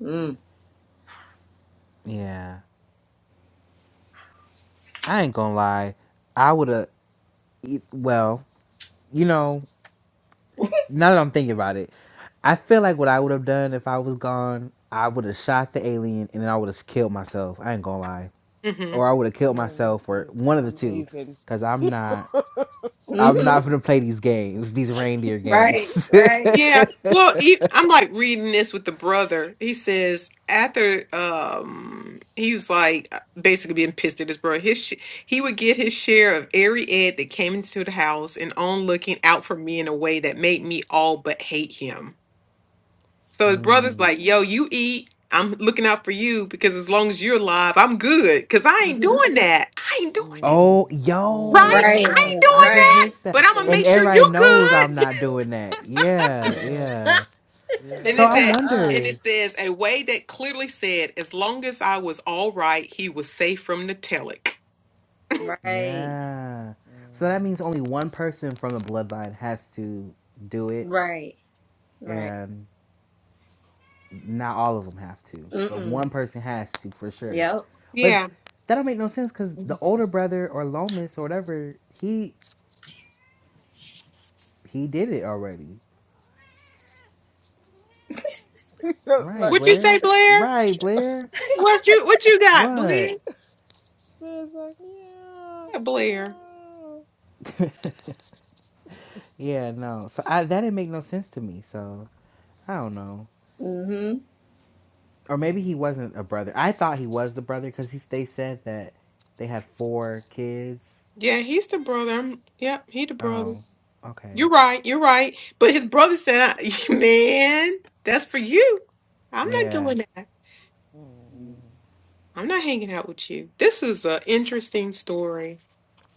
Speaker 3: Mm.
Speaker 1: Yeah. I ain't gonna lie. I would have well, you know, now that I'm thinking about it, I feel like what I would have done if I was gone, I would have shot the alien and then I would have killed myself. I ain't gonna lie,
Speaker 4: hmm
Speaker 1: or I would have killed myself, or one of the two, because I'm not. I'm
Speaker 3: Mm-hmm.
Speaker 1: not gonna play these games, these reindeer
Speaker 3: Right,
Speaker 1: games.
Speaker 3: right.
Speaker 4: Yeah. Well, he, I'm like reading this with the brother. He says after um he was like uh, basically being pissed at his brother. His sh- he would get his share of every egg that came into the house and on looking out for me in a way that made me all but hate him. So his brother's like, "Yo, you eat. I'm looking out for you because as long as you're alive, I'm good. Cause I ain't
Speaker 3: Mm-hmm.
Speaker 4: doing that. I ain't doing that."
Speaker 1: oh,
Speaker 4: Right? I
Speaker 3: Right,
Speaker 4: ain't
Speaker 1: yo, I
Speaker 4: doing
Speaker 1: just
Speaker 4: that,
Speaker 3: right.
Speaker 1: missed that.
Speaker 4: but I'm gonna make
Speaker 1: And
Speaker 4: sure
Speaker 1: everybody
Speaker 4: you
Speaker 1: knows I'm
Speaker 4: good.
Speaker 1: not doing that. Yeah, yeah.
Speaker 3: they
Speaker 4: And
Speaker 1: So
Speaker 4: it
Speaker 3: said,
Speaker 1: I
Speaker 4: said,
Speaker 3: uh-uh.
Speaker 4: and it
Speaker 1: wonder.
Speaker 4: says a way that clearly said, as long as I was all right, he was safe from the telic.
Speaker 3: Right.
Speaker 1: Yeah. So that means only one person from the bloodline has to do it.
Speaker 3: Right. Right.
Speaker 1: And Not all of them have to, but
Speaker 3: Mm-mm.
Speaker 1: one person has to for sure.
Speaker 3: Yep.
Speaker 1: But
Speaker 4: Yeah.
Speaker 1: that don't make no sense because the older brother or Lomas or whatever, he he did it already. Right,
Speaker 4: What you
Speaker 1: Blair.
Speaker 4: say, Blair?
Speaker 1: Right, Blair.
Speaker 4: What you what you got, Blair?
Speaker 1: What?
Speaker 4: Yeah, Blair.
Speaker 1: Yeah, no. So I, that didn't make no sense to me. So I don't know.
Speaker 3: Mm-hmm.
Speaker 1: Or maybe he wasn't a brother. I thought he was the brother because they said that they had four kids.
Speaker 4: Yeah, he's the brother. I'm, yep, he the
Speaker 1: Oh,
Speaker 4: brother.
Speaker 1: okay.
Speaker 4: You're right. You're right. But his brother said, I- "Man, that's for you. I'm not
Speaker 1: Yeah.
Speaker 4: doing that. I'm not hanging out with you." This is an interesting story.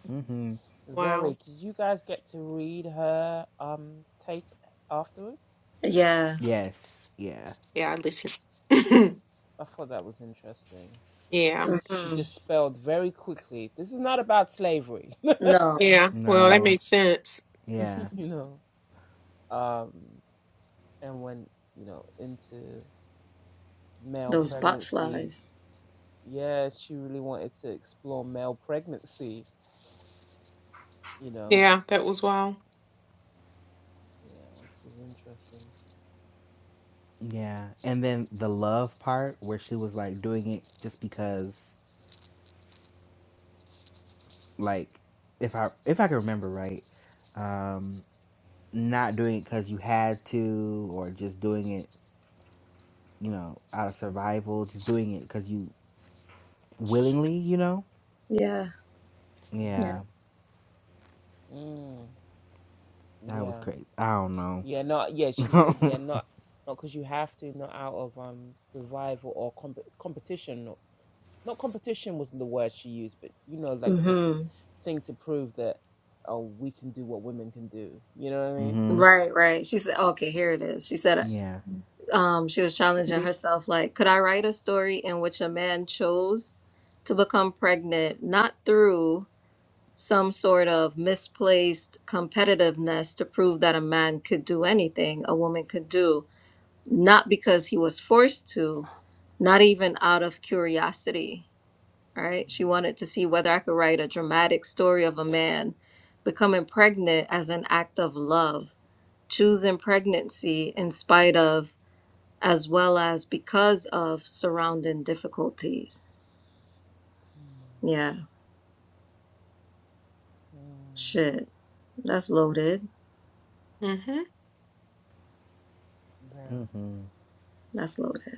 Speaker 1: Mm-hmm.
Speaker 4: Wow.
Speaker 3: Yeah.
Speaker 1: Yes. Yeah.
Speaker 4: Yeah, I listen. yeah,
Speaker 3: Mm-mm. No.
Speaker 4: yeah. Well, that
Speaker 1: No.
Speaker 4: makes sense.
Speaker 1: Yeah.
Speaker 3: Those bot
Speaker 4: Yeah, that was wild.
Speaker 1: Yeah. And then the love part where she was like doing it just because like if I if I can remember right, um not doing it cuz you had to or just doing it, you know, out of survival, just doing it cuz you willingly, you know?
Speaker 3: Yeah. Yeah.
Speaker 1: Yeah. That was crazy. I don't know.
Speaker 3: Mm-hmm.
Speaker 1: mhm.
Speaker 3: Right, right. She said, okay, here it is. She said,
Speaker 1: Yeah.
Speaker 3: um, she was challenging herself, like, could I write a story in which a man chose to become pregnant, not through some sort of misplaced competitiveness to prove that a man could do anything a woman could do, not because he was forced to, not even out of curiosity, right? She wanted to see whether I could write a dramatic story of a man becoming pregnant as an act of love, choosing pregnancy in spite of, as well as because of surrounding difficulties. Yeah, shit. That's loaded.
Speaker 4: Mm-hmm.
Speaker 1: Mhm.
Speaker 3: That's loaded.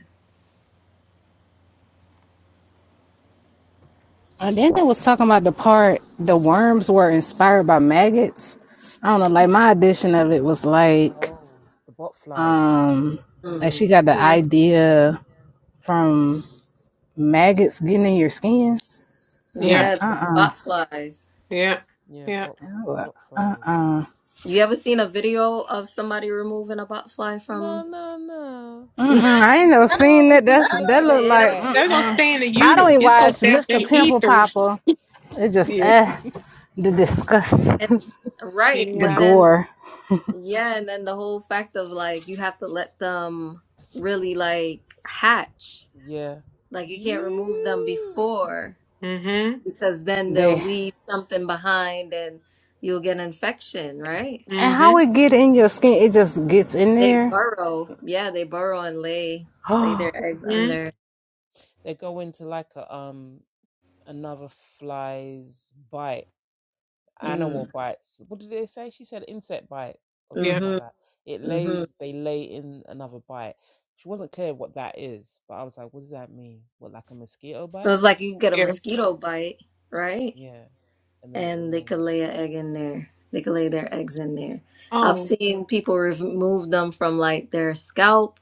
Speaker 5: And then they was talking about the part the worms were inspired by maggots. I don't know. Like my edition of it was like, um, like
Speaker 3: Mm.
Speaker 5: she got the
Speaker 4: Yeah,
Speaker 5: idea from maggots getting in your skin. I'm
Speaker 4: yeah,
Speaker 5: like,
Speaker 3: Yeah,
Speaker 5: uh
Speaker 3: those
Speaker 5: uh
Speaker 3: botflies.
Speaker 4: yeah, yeah.
Speaker 5: I'm like, uh-uh.
Speaker 3: You ever seen a video of somebody removing a botfly from? you
Speaker 5: Mm-mm, I ain't never seen that. That's that look
Speaker 3: ain't
Speaker 5: like
Speaker 3: ever seen
Speaker 4: They're gonna
Speaker 5: mm-mm.
Speaker 3: that.
Speaker 4: stay in the
Speaker 5: I
Speaker 4: uter.
Speaker 5: don't even
Speaker 4: It's gonna
Speaker 5: watch
Speaker 4: stay out in
Speaker 5: Mr.
Speaker 4: the
Speaker 5: Pimple
Speaker 4: ethers.
Speaker 5: Popper. It's just
Speaker 4: Yeah,
Speaker 5: uh the disgust,
Speaker 3: And, right,
Speaker 5: the
Speaker 3: but
Speaker 4: yeah.
Speaker 3: then
Speaker 5: gore.
Speaker 3: Yeah, and then the whole fact of like you have to let them really like hatch. Like you can't remove them before
Speaker 4: Mm-hmm.
Speaker 3: because then they'll
Speaker 5: They
Speaker 3: leave something behind and you'll get infection, right?
Speaker 5: and how
Speaker 4: Mm-hmm.
Speaker 5: it get in your skin, it just gets in
Speaker 3: They
Speaker 5: there.
Speaker 3: burrow. Yeah, they burrow and lay lay
Speaker 5: Oh,
Speaker 3: their eggs
Speaker 4: Mm-hmm.
Speaker 3: under. Mm,
Speaker 4: Yeah,
Speaker 3: mm-hmm, mm-hmm. So it's like you get a
Speaker 4: yeah.
Speaker 3: mosquito bite, right? And they could lay an egg in there. They could lay their eggs in there. I've
Speaker 4: Oh,
Speaker 3: seen people remove them from like their scalp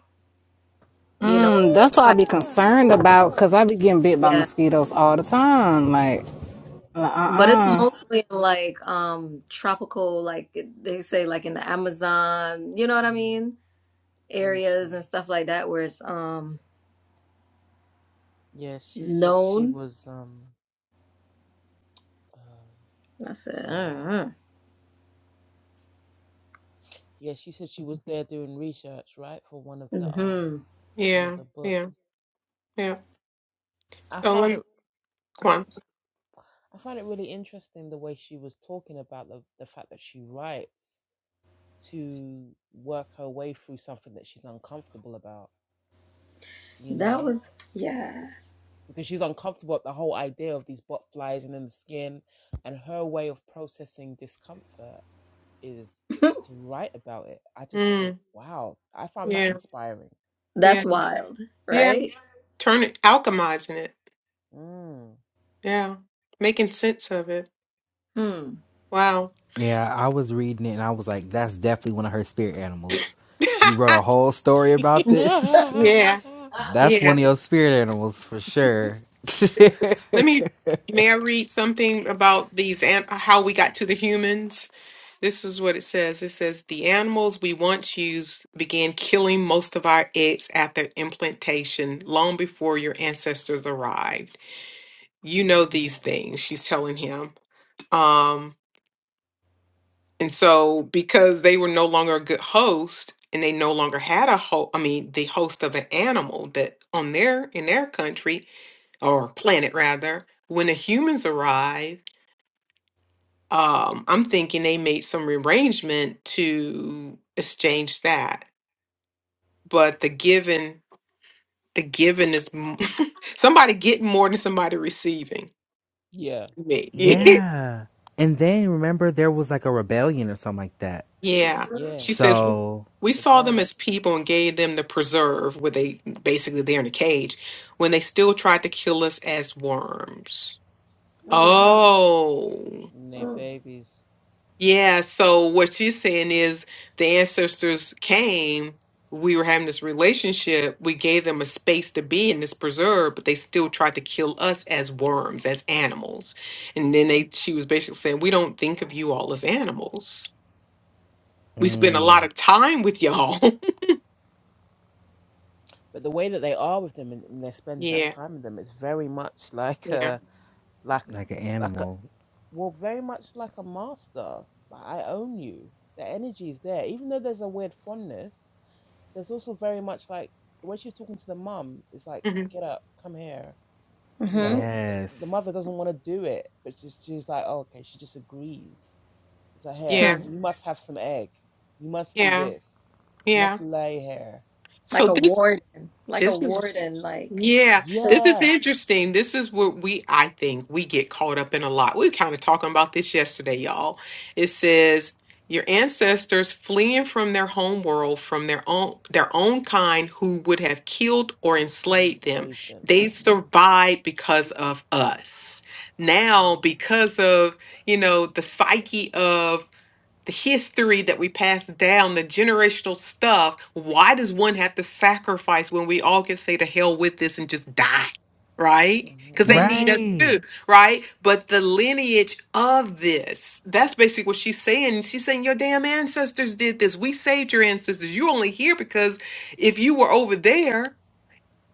Speaker 3: you know
Speaker 5: mm, that's what I
Speaker 3: quite
Speaker 5: be concerned about because I be getting bit by
Speaker 3: yeah
Speaker 5: mosquitoes all the time. Like, uh
Speaker 3: but it's
Speaker 5: uh-uh.
Speaker 3: mostly in like um tropical like they say like in the Amazon you know what I mean areas and stuff like that where it's um known I said uh, mm-hmm
Speaker 4: yeah, yeah, yeah. So let me, go on.
Speaker 3: that was yeah
Speaker 4: Mm, yeah,
Speaker 3: that's
Speaker 4: yeah,
Speaker 3: wild
Speaker 4: yeah.
Speaker 3: right
Speaker 4: Turn it, alchemizing it. Yeah, making sense of it.
Speaker 3: hmm
Speaker 4: Wow.
Speaker 1: Yeah, I was reading it and I was like that's definitely one of her spirit animals cuz you wrote a whole story about this.
Speaker 4: yeah,
Speaker 1: That's
Speaker 4: yeah.
Speaker 1: one of your spirit animals for sure.
Speaker 4: Let me, may I read something about these and how we got to the humans? This is what it says. It says the animals we once used began killing most of our eggs after implantation, long before your ancestors arrived. You know these things, she's telling him. Um, and so because they were no longer a good host and they no longer had a host, I mean, the host of an animal that on their in their country or planet rather, when the humans arrive um, I'm thinking they made some rearrangement to exchange that. But the giving, the giving is m- somebody getting more than somebody receiving. Me,
Speaker 1: Yeah. And then remember there was like a rebellion or something like that.
Speaker 4: Yeah.
Speaker 3: Mm,
Speaker 4: She says
Speaker 1: So,
Speaker 4: we saw them as people and gave them the preserve, where they basically they're in a cage when they still tried to kill us as worms. Oh.
Speaker 3: mm.
Speaker 4: Yeah, so what she's saying is the ancestors came, we were having this relationship, we gave them a space to be in this preserve, but they still tried to kill us as worms, as animals. And then they she was basically saying, We don't think of you all as animals. We spend a
Speaker 1: mm,
Speaker 4: lot of time with y'all. yeah, yeah.
Speaker 1: like an animal.
Speaker 4: mhm,
Speaker 3: Mhm.
Speaker 1: Yes.
Speaker 3: Hmm.
Speaker 4: Yeah, yeah, yeah.
Speaker 3: Like
Speaker 4: So
Speaker 3: a
Speaker 4: this
Speaker 3: warden, like a
Speaker 4: this is
Speaker 3: warden, like
Speaker 4: Yeah, this
Speaker 3: because.
Speaker 4: is interesting. This is what we, I think, we get caught up in a lot. We were kind of talking about this yesterday, y'all. It says your ancestors fleeing from their home world, from their own their own kind who would have killed or enslaved them. They survived because of us. Now, because of, you know, the psyche of the history that we pass down, the generational stuff. Why does one have to sacrifice when we all can say to hell with this and just die? Right? Because they
Speaker 3: Hmm.
Speaker 4: need us
Speaker 1: Right.
Speaker 4: too, right? But the lineage of this, that's basically what she's saying. She's saying, Your damn ancestors did this. We saved your ancestors. You're only here because if you were over there,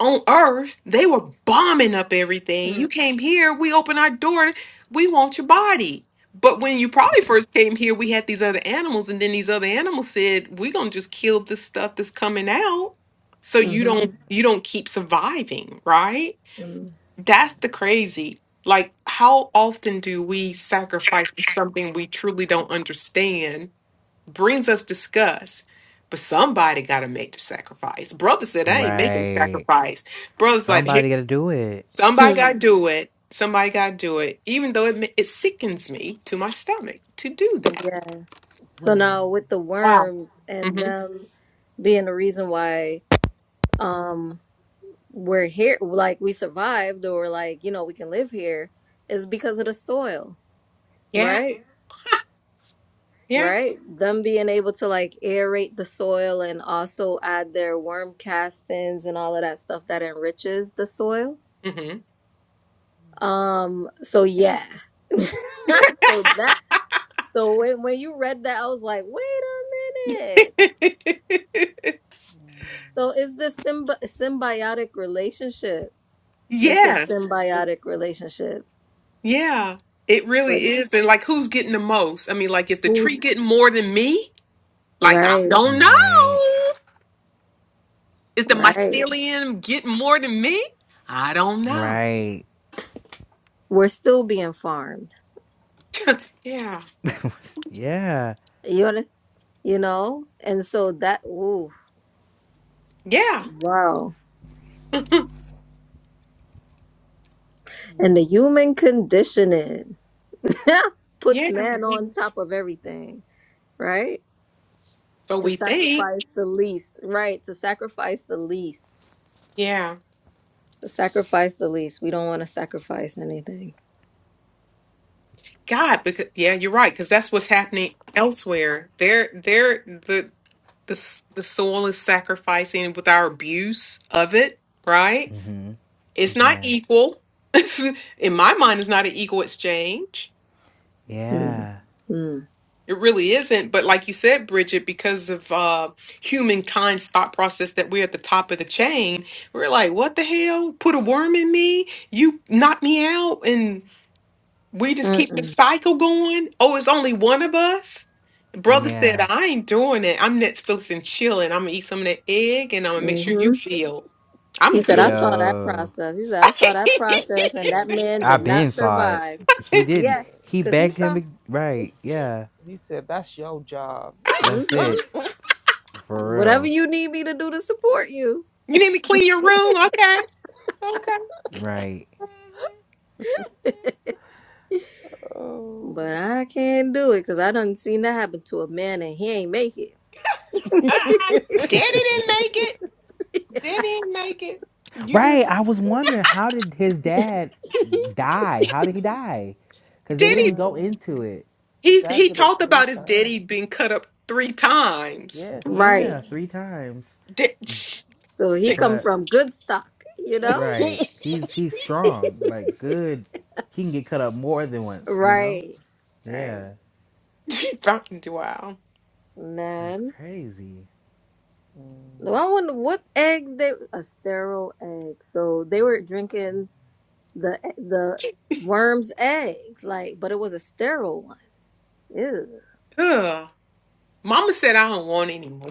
Speaker 4: on earth, they were bombing up everything.
Speaker 3: Mm.
Speaker 4: You came here, we open our door, we want your body. But when you probably first came here, we had these other animals, and then these other animals said, We're gonna just kill this stuff that's coming out so you don't
Speaker 3: Mhm.
Speaker 4: you don't keep surviving, right?
Speaker 3: Mm.
Speaker 4: That's the crazy. Like, how often do we sacrifice for something we truly don't understand brings us disgust. But somebody got to make the sacrifice. Brother said, I ain't making the
Speaker 1: Right.
Speaker 4: sacrifice. Brother's like, "Here,
Speaker 1: Somebody got to do it.
Speaker 4: somebody got
Speaker 3: Hmm.
Speaker 4: to do it. Somebody got to do it. Even though it, ma- it sickens me to my stomach to do that.
Speaker 3: Yeah. So now with the
Speaker 4: Wow.
Speaker 3: worms and
Speaker 4: hmm
Speaker 3: them being the reason why um we're here, like we survived or like, you know, we can live here is because of the soil,
Speaker 4: Yeah.
Speaker 3: right?
Speaker 4: Yeah.
Speaker 3: Right? Them being able to like aerate the soil and also add their worm castings and all of that stuff that enriches the soil.
Speaker 4: hmm
Speaker 3: Um, so yeah. so that so when when you read that, I was like, wait a minute. So it's the symbi- symbiotic relationship. It's a
Speaker 4: yes.
Speaker 3: symbiotic relationship.
Speaker 4: Yeah. It
Speaker 3: But
Speaker 4: really is. And like, who's getting the most? I mean, like, is the tree
Speaker 3: who's
Speaker 4: getting more than me? Like, I
Speaker 3: right,
Speaker 4: don't
Speaker 1: Right.
Speaker 4: know. Is the
Speaker 3: right.
Speaker 4: mycelium getting more than me? I don't know.
Speaker 1: Right.
Speaker 3: We're still being farmed.
Speaker 4: Yeah.
Speaker 1: Yeah.
Speaker 3: You under- you know? And so that ooh,
Speaker 4: Yeah.
Speaker 3: wow. And the human conditioning puts
Speaker 4: Yeah.
Speaker 3: man on top of everything, right?
Speaker 4: So
Speaker 3: To
Speaker 4: we think.
Speaker 3: sacrifice the least. Right, to sacrifice the least.
Speaker 4: Yeah.
Speaker 3: To sacrifice the least. We don't want to sacrifice anything.
Speaker 4: God, because yeah, you're right, because that's what's happening elsewhere. They're they're the the s- the soil is sacrificing with our abuse of it, right?
Speaker 1: Mhm.
Speaker 4: It's not
Speaker 1: Yeah.
Speaker 4: equal. In my mind, it's not an equal exchange
Speaker 3: Mm.
Speaker 1: Yeah.
Speaker 3: Mm.
Speaker 4: It really isn't, but like you said, Bridget, because of uh, humankind's thought process that we're at the top of the chain, we're like, what the hell? Put a worm in me? You knock me out? And we just keep the
Speaker 3: Mm-mm.
Speaker 4: cycle going? Oh, it's only one of us? Brother said,
Speaker 1: Yeah.
Speaker 4: I ain't doing it. I'm Netflix and chilling. I'm gonna eat some of that egg and I'm gonna make sure
Speaker 3: Mm-hmm.
Speaker 4: you feel I'm
Speaker 3: He
Speaker 4: good.
Speaker 3: said, I
Speaker 4: you
Speaker 3: saw that
Speaker 1: Yo.
Speaker 3: process. He said, I saw that process, and that man
Speaker 1: I
Speaker 3: did not
Speaker 1: been saw it.
Speaker 3: survive.
Speaker 1: He didn't.
Speaker 3: Yeah,
Speaker 1: He
Speaker 3: because he
Speaker 1: begged him
Speaker 3: saw,
Speaker 1: to right. Yeah. That's
Speaker 3: mm-hmm,
Speaker 1: it. For
Speaker 3: whatever
Speaker 1: real.
Speaker 3: you need me to do to support you.
Speaker 4: need me to clean your room? Okay. Okay.
Speaker 1: Right.
Speaker 4: Mhm.
Speaker 3: But I can't do it because I done seen that happen to a man and he ain't make it.
Speaker 4: Ah, Daddy didn't make it. Daddy didn't make it. You
Speaker 1: Right. I was wondering how did his dad die? How did he die? Because they didn't
Speaker 4: Diddy.
Speaker 1: go into it.
Speaker 4: He he talked about his daddy being cut up three times.
Speaker 3: right.
Speaker 1: Yeah, three times.
Speaker 4: Did,
Speaker 3: So he come
Speaker 1: But
Speaker 3: from good stock, you know?
Speaker 1: right. He's he's strong. Like good. He can get cut up more than once, you know?
Speaker 3: Right. Right.
Speaker 1: Yeah.
Speaker 4: wow.
Speaker 1: That's
Speaker 3: Man.
Speaker 1: crazy.
Speaker 3: Well, I wonder what eggs they a sterile egg. So they were drinking the e, the worm's eggs, like, but it was a sterile one. Ew.
Speaker 4: Ugh. Mama said I don't want any more.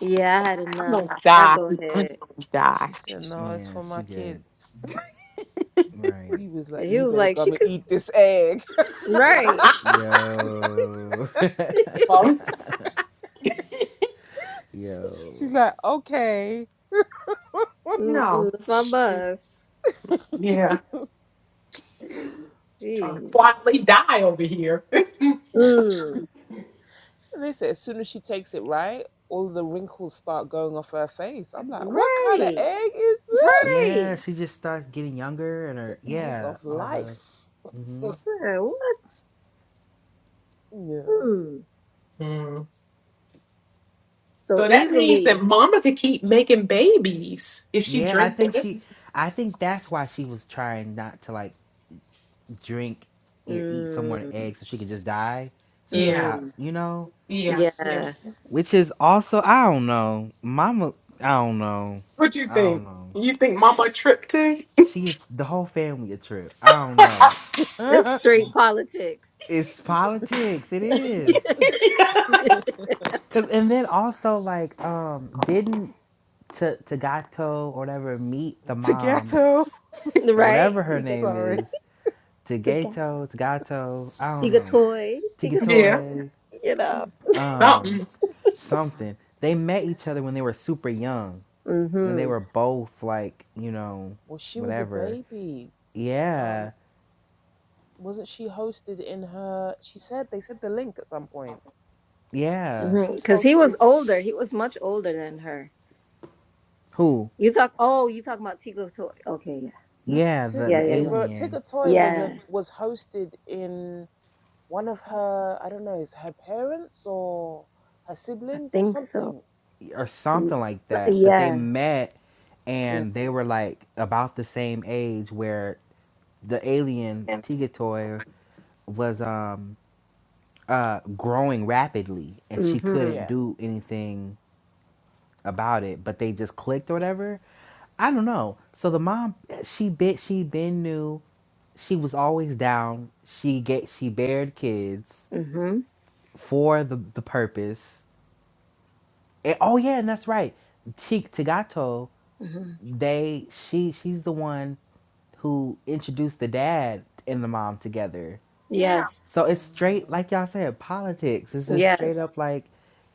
Speaker 3: Yeah, I had
Speaker 4: I'm
Speaker 3: enough.
Speaker 4: gonna
Speaker 3: Y'all
Speaker 4: die.
Speaker 3: go
Speaker 4: I'm
Speaker 3: ahead.
Speaker 4: just gonna die.
Speaker 1: Yeah, she good. Right.
Speaker 3: And He was like, she could right.
Speaker 1: Yo.
Speaker 4: Mama said,
Speaker 1: Yo.
Speaker 3: Mm-mm,
Speaker 4: no.
Speaker 3: if I bust,
Speaker 4: Yeah. Trying to
Speaker 3: jeez.
Speaker 4: quietly die over here.
Speaker 3: Mm, right, right.
Speaker 1: Yeah,
Speaker 3: I
Speaker 1: she just starts getting younger and her yeah, all the hmm
Speaker 3: said, what? Hmm.
Speaker 4: Mm.
Speaker 3: So
Speaker 4: So that means
Speaker 3: easily.
Speaker 4: that Mama could keep making babies if she
Speaker 1: Yeah, I
Speaker 4: drank
Speaker 1: think
Speaker 4: the.
Speaker 1: she. I think that's why she was trying not to like drink or eat some more
Speaker 3: Mm,
Speaker 1: eggs so she could just die, so she could
Speaker 4: Yeah.
Speaker 1: stop.
Speaker 3: mm,
Speaker 1: You know,
Speaker 4: Yeah. Yeah.
Speaker 3: yeah.
Speaker 1: which is also I don't know, Mama. I don't know.
Speaker 4: What you
Speaker 1: I
Speaker 4: think?
Speaker 1: don't know.
Speaker 4: You think Mama tripped too?
Speaker 1: She the whole family a trip. I don't know.
Speaker 3: It's straight politics.
Speaker 1: It's politics. It is.
Speaker 3: Yes,
Speaker 1: Cause and then also like um didn't to Tagato or whatever meet the mom or
Speaker 3: right?
Speaker 1: whatever her
Speaker 3: Tiga,
Speaker 1: name
Speaker 3: to-
Speaker 1: is
Speaker 3: tiga,
Speaker 1: Tagato Tagato I don't
Speaker 3: tiga
Speaker 1: know
Speaker 3: toy, tiga toy.
Speaker 4: yeah.
Speaker 1: Tigatoy,
Speaker 3: You know.
Speaker 1: um,
Speaker 4: Something.
Speaker 1: something. They met each other when they were super young, when they
Speaker 3: Mhm.
Speaker 1: were both like, you know, whatever. Yeah, yeah.
Speaker 3: Mhm. Cuz he was older. He was much older than her.
Speaker 1: Who?
Speaker 3: You talk Oh, you talking about Tiga toy. Okay, yeah. No.
Speaker 1: Yeah, the
Speaker 3: Yeah,
Speaker 1: the
Speaker 3: yeah, yeah.
Speaker 1: alien
Speaker 3: Yeah. I think so.
Speaker 1: or
Speaker 3: Mm,
Speaker 1: something like
Speaker 3: so-
Speaker 1: that. But they
Speaker 3: Yeah.
Speaker 1: met,
Speaker 3: Yeah.
Speaker 1: and they were like about the same age, where the alien Tigatoy was um uh growing rapidly, and she
Speaker 3: Mhm.
Speaker 1: couldn't do anything about it, but they just clicked or whatever. I don't know. So the mom, she bit, she been knew, she was always down. She get, she bared kids
Speaker 3: Mhm.
Speaker 1: for the the purpose. And, oh yeah, and that's right. T- Tagato,
Speaker 3: Mhm.
Speaker 1: they she she's the one who introduced the dad and the mom together.
Speaker 4: Yeah.
Speaker 3: Yes.
Speaker 1: So it's straight like y'all said politics. It's just straight
Speaker 3: Yes.
Speaker 1: up like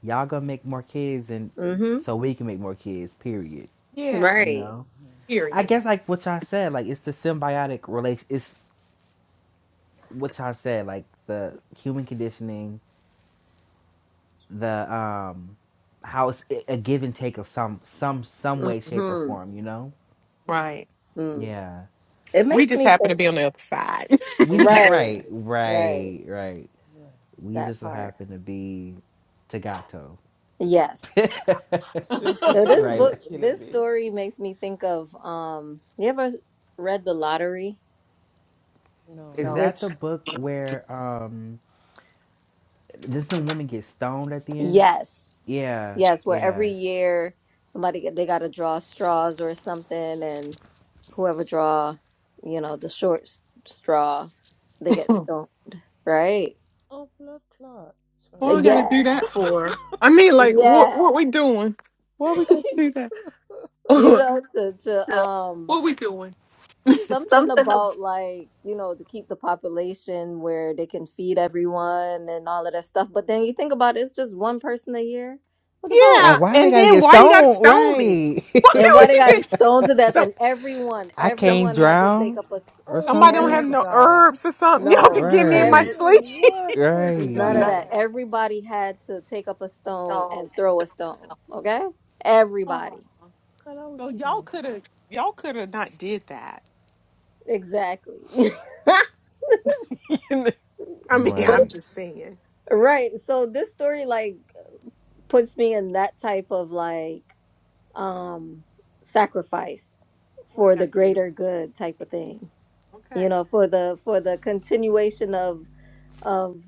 Speaker 1: y'all gonna make more kids and
Speaker 3: Mhm.
Speaker 1: so we can make more kids. Period.
Speaker 4: Yeah.
Speaker 1: You
Speaker 3: Right.
Speaker 1: know. I
Speaker 4: Period.
Speaker 1: guess like what y'all said, like it's the symbiotic relation. It's what y'all said, like the human conditioning, the um, how it's a give and take of some some some way, shape, or
Speaker 3: Mhm.
Speaker 1: form. You know?
Speaker 4: Right.
Speaker 3: Mm.
Speaker 1: Yeah.
Speaker 3: It
Speaker 4: We
Speaker 3: makes
Speaker 4: just
Speaker 3: me
Speaker 4: happen to
Speaker 3: think
Speaker 4: be on the other side.
Speaker 1: We just had
Speaker 3: Right,
Speaker 1: right,
Speaker 3: right.
Speaker 1: right, right. We
Speaker 3: That
Speaker 1: just so
Speaker 3: part.
Speaker 1: happen to be Tagato.
Speaker 3: Yes. Yo, this
Speaker 1: right.
Speaker 3: book, this story makes me think of um you ever read The Lottery?
Speaker 1: Is
Speaker 4: so,
Speaker 1: that the
Speaker 3: Which
Speaker 1: book where um, does the woman get stoned at the end?
Speaker 3: yes.
Speaker 1: Yeah,
Speaker 3: Yes, where
Speaker 1: yeah.
Speaker 3: every year somebody get- they got to draw straws or something and whoever draw, you know, the short s- straw, they get stoned, right?
Speaker 4: what we gotta
Speaker 3: Yeah.
Speaker 4: do that for? I mean, like, what
Speaker 3: Yeah.
Speaker 4: what we doing? What we gonna do that?
Speaker 3: You know, to to um
Speaker 4: what we doing?
Speaker 3: something
Speaker 4: Something. of-
Speaker 3: about like you know to keep the population where they can feed everyone and all of that stuff but then you think about it, it's just one person a year what the fuck
Speaker 4: Yeah.
Speaker 1: And why they
Speaker 4: And
Speaker 1: gotta
Speaker 4: then
Speaker 1: get
Speaker 4: why you gotta
Speaker 1: stoned?
Speaker 4: stone me?
Speaker 1: Right.
Speaker 4: Why
Speaker 3: and why
Speaker 4: would
Speaker 3: they
Speaker 4: you
Speaker 3: got
Speaker 4: get
Speaker 3: stoned to death
Speaker 4: some
Speaker 3: and everyone
Speaker 1: I
Speaker 4: some
Speaker 1: can't
Speaker 3: everyone had to take
Speaker 1: drown
Speaker 3: up a s-
Speaker 1: or
Speaker 4: somebody don't
Speaker 3: every
Speaker 4: have
Speaker 1: something.
Speaker 4: no herbs or something? Y'all can
Speaker 3: no
Speaker 4: give me in my
Speaker 1: Right,
Speaker 3: every
Speaker 4: sleep.
Speaker 3: none of
Speaker 1: right,
Speaker 4: None
Speaker 3: that
Speaker 4: of that.
Speaker 3: everybody had to take up a
Speaker 4: A
Speaker 3: stone
Speaker 4: stone.
Speaker 3: and throw a stone okay
Speaker 4: Oh,
Speaker 3: everybody
Speaker 4: so y'all could have y'all could have not did that.
Speaker 3: exactly
Speaker 4: I mean,
Speaker 3: but
Speaker 4: I'm
Speaker 1: right.
Speaker 4: just saying.
Speaker 3: right so this story like puts me in that type of like um sacrifice
Speaker 4: Why
Speaker 3: for the
Speaker 4: not be like
Speaker 3: greater good type of thing you
Speaker 4: okay?
Speaker 3: know for the for the continuation of of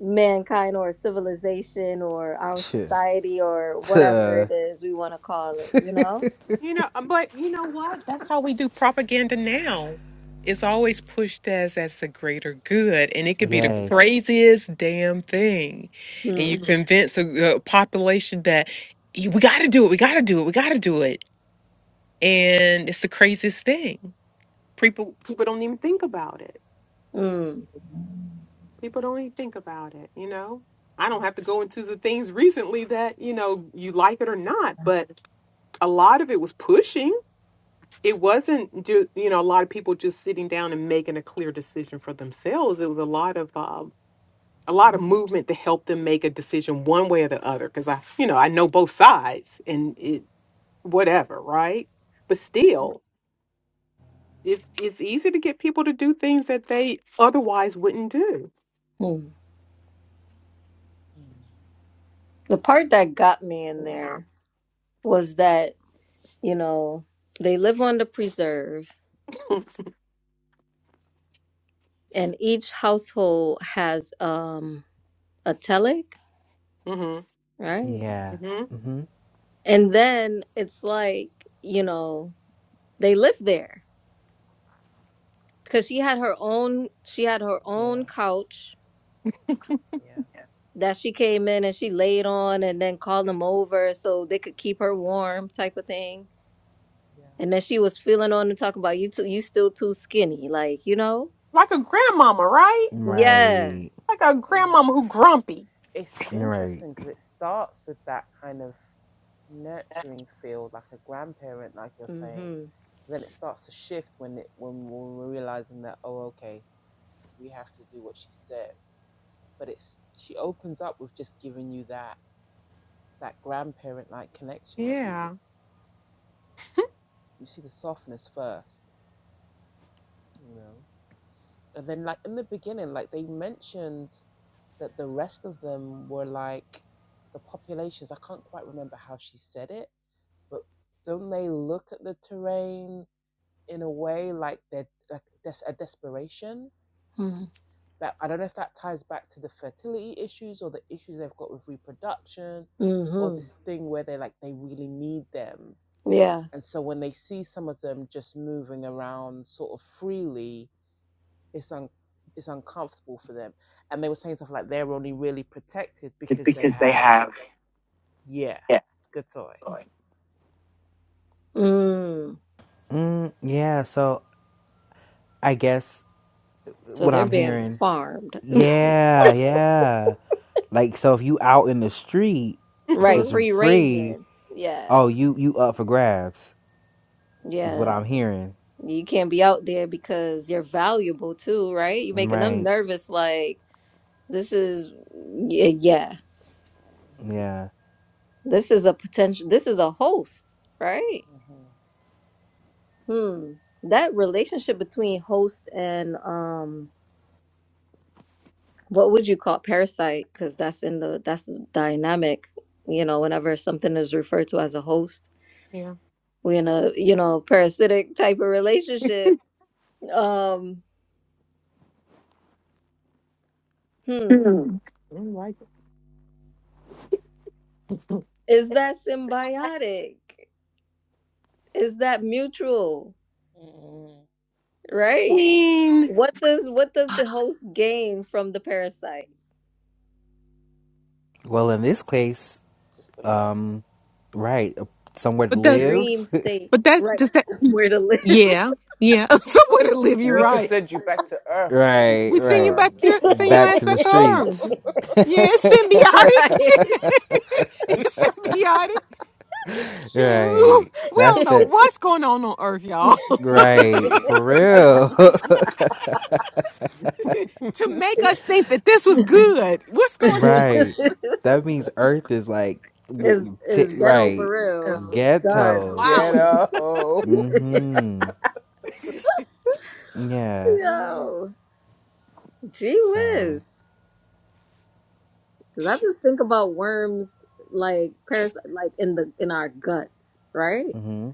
Speaker 3: mankind or civilization or our
Speaker 1: Tuh,
Speaker 3: society or whatever
Speaker 1: tuh.
Speaker 3: it is we want to call it you know
Speaker 4: You know, uh, but you know what? That's how we do propaganda now. It's always pushed as as the greater good, and it could be the Mhm.
Speaker 1: Yes,
Speaker 4: craziest damn thing, and
Speaker 3: mm,
Speaker 4: you Mhm. convince a, a population that "Y- we got to do it, we got to do it, we got to do it, and it's the craziest thing. People people don't even think about it.
Speaker 3: mm,
Speaker 4: people don't even think about it you know i don't have to go into the things recently that you know you like it or not but a lot of it was pushing it wasn't ju- you know a lot of people just sitting down and making a clear decision for themselves it was a lot of um, a lot of movement to help them make a decision one way or the other because i you know i know both sides and it whatever right but still it's it's easy to get people to do things that they otherwise wouldn't do
Speaker 3: mm. the part that got me in there was that you know they live on the preserve and each household has um a telic
Speaker 4: hmm
Speaker 3: right
Speaker 1: yeah.
Speaker 4: hmm
Speaker 1: hmm
Speaker 3: And then it's like, you know, they live there because she had her own she had her own couch that she came in and she laid on and then called them over so they could keep her warm type of thing. And then she was feeling on and talking about you too you still too skinny, like, you know?
Speaker 4: like a grandmama right
Speaker 3: Yeah.
Speaker 1: Right,
Speaker 4: Like a grandmama who grumpy.
Speaker 1: right.
Speaker 3: Mhm.
Speaker 4: Yeah.
Speaker 3: Mhm. Mhm. Yeah. Mm.
Speaker 1: Mm, yeah. So I guess
Speaker 3: So
Speaker 1: what
Speaker 3: they're
Speaker 1: I'm
Speaker 3: being
Speaker 1: hearing.
Speaker 3: farmed.
Speaker 1: Yeah, yeah. Like so, if you out in the street,
Speaker 3: right,
Speaker 1: just
Speaker 4: Mhm.
Speaker 3: free
Speaker 1: free.
Speaker 3: ranging. Yeah.
Speaker 1: Oh, you you up for grabs is what
Speaker 3: Yeah.
Speaker 1: I'm hearing.
Speaker 3: You can't be out there because you're valuable too, right? You're making them
Speaker 1: Right.
Speaker 3: nervous. Like, this is, y- yeah,
Speaker 1: Yeah.
Speaker 3: this is a potential, this is a host, right? Hmm. That relationship between host and, um, what would you call parasite? Because that's in the, that's the dynamic, you know, whenever something is referred to as a host,
Speaker 4: yeah.
Speaker 3: we're in a, you know, parasitic type of relationship. Um, hmm.
Speaker 4: Hmm. Like
Speaker 3: Is that
Speaker 4: I
Speaker 3: symbiotic? Is that mutual? Right.
Speaker 4: mean,
Speaker 3: What does what does the host gain from the parasite?
Speaker 1: Well, in this case. Um, right. uh, Somewhere to
Speaker 4: but that's
Speaker 3: Dream
Speaker 1: live.
Speaker 3: state.
Speaker 4: but that's
Speaker 3: Right.
Speaker 4: does that
Speaker 3: Somewhere to live. True.
Speaker 4: yeah yeah way to live you right.
Speaker 1: right,
Speaker 4: We send you
Speaker 1: right.
Speaker 4: back to your
Speaker 3: True.
Speaker 4: send your
Speaker 1: Back
Speaker 4: ass
Speaker 1: to the
Speaker 4: back to Earth.
Speaker 1: streets.
Speaker 4: Yeah, it's symbiotic.
Speaker 3: right.
Speaker 4: it's symbiotic. Shoot,
Speaker 1: right.
Speaker 4: we
Speaker 1: That's
Speaker 4: don't know
Speaker 1: the
Speaker 4: what's going on on Earth, y'all.
Speaker 1: right for real.
Speaker 4: to make us think that this was good. What's going on?
Speaker 1: right. That means Earth is like
Speaker 3: is
Speaker 1: w- t-
Speaker 3: is ghetto for
Speaker 1: right
Speaker 3: real.
Speaker 4: on Earth
Speaker 3: Done.
Speaker 1: ghetto.
Speaker 4: wilding.
Speaker 1: Mm-hmm. Yeah.
Speaker 3: Yo. Gee
Speaker 1: So.
Speaker 3: whiz. Cause I just think about worms like paras like in the in our guts, right?
Speaker 1: Mm-hmm.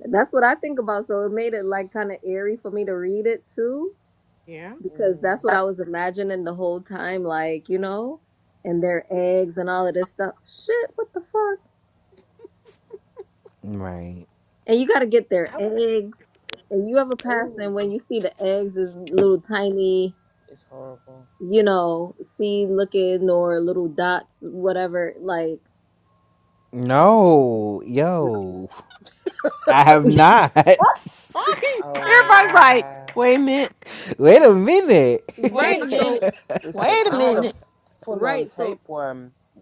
Speaker 3: That's what I think about. So it made it like kind of eerie for me to read it too, because that's what I was imagining the whole time, like, you know, and their eggs and all of this stuff. Shit, what the fuck?
Speaker 1: Right.
Speaker 3: And you got to get their eggs. And you ever pass them when you see the eggs is little tiny, you know, seed looking or little dots, whatever, like, and if
Speaker 1: No,
Speaker 3: you
Speaker 1: yo, I have
Speaker 3: know.
Speaker 1: not.
Speaker 4: Everybody's like, wait a minute.
Speaker 1: Wait a minute.
Speaker 4: Wait a
Speaker 3: Right. So,
Speaker 4: minute. Wait a
Speaker 3: so, uh,
Speaker 4: minute.
Speaker 3: right. So,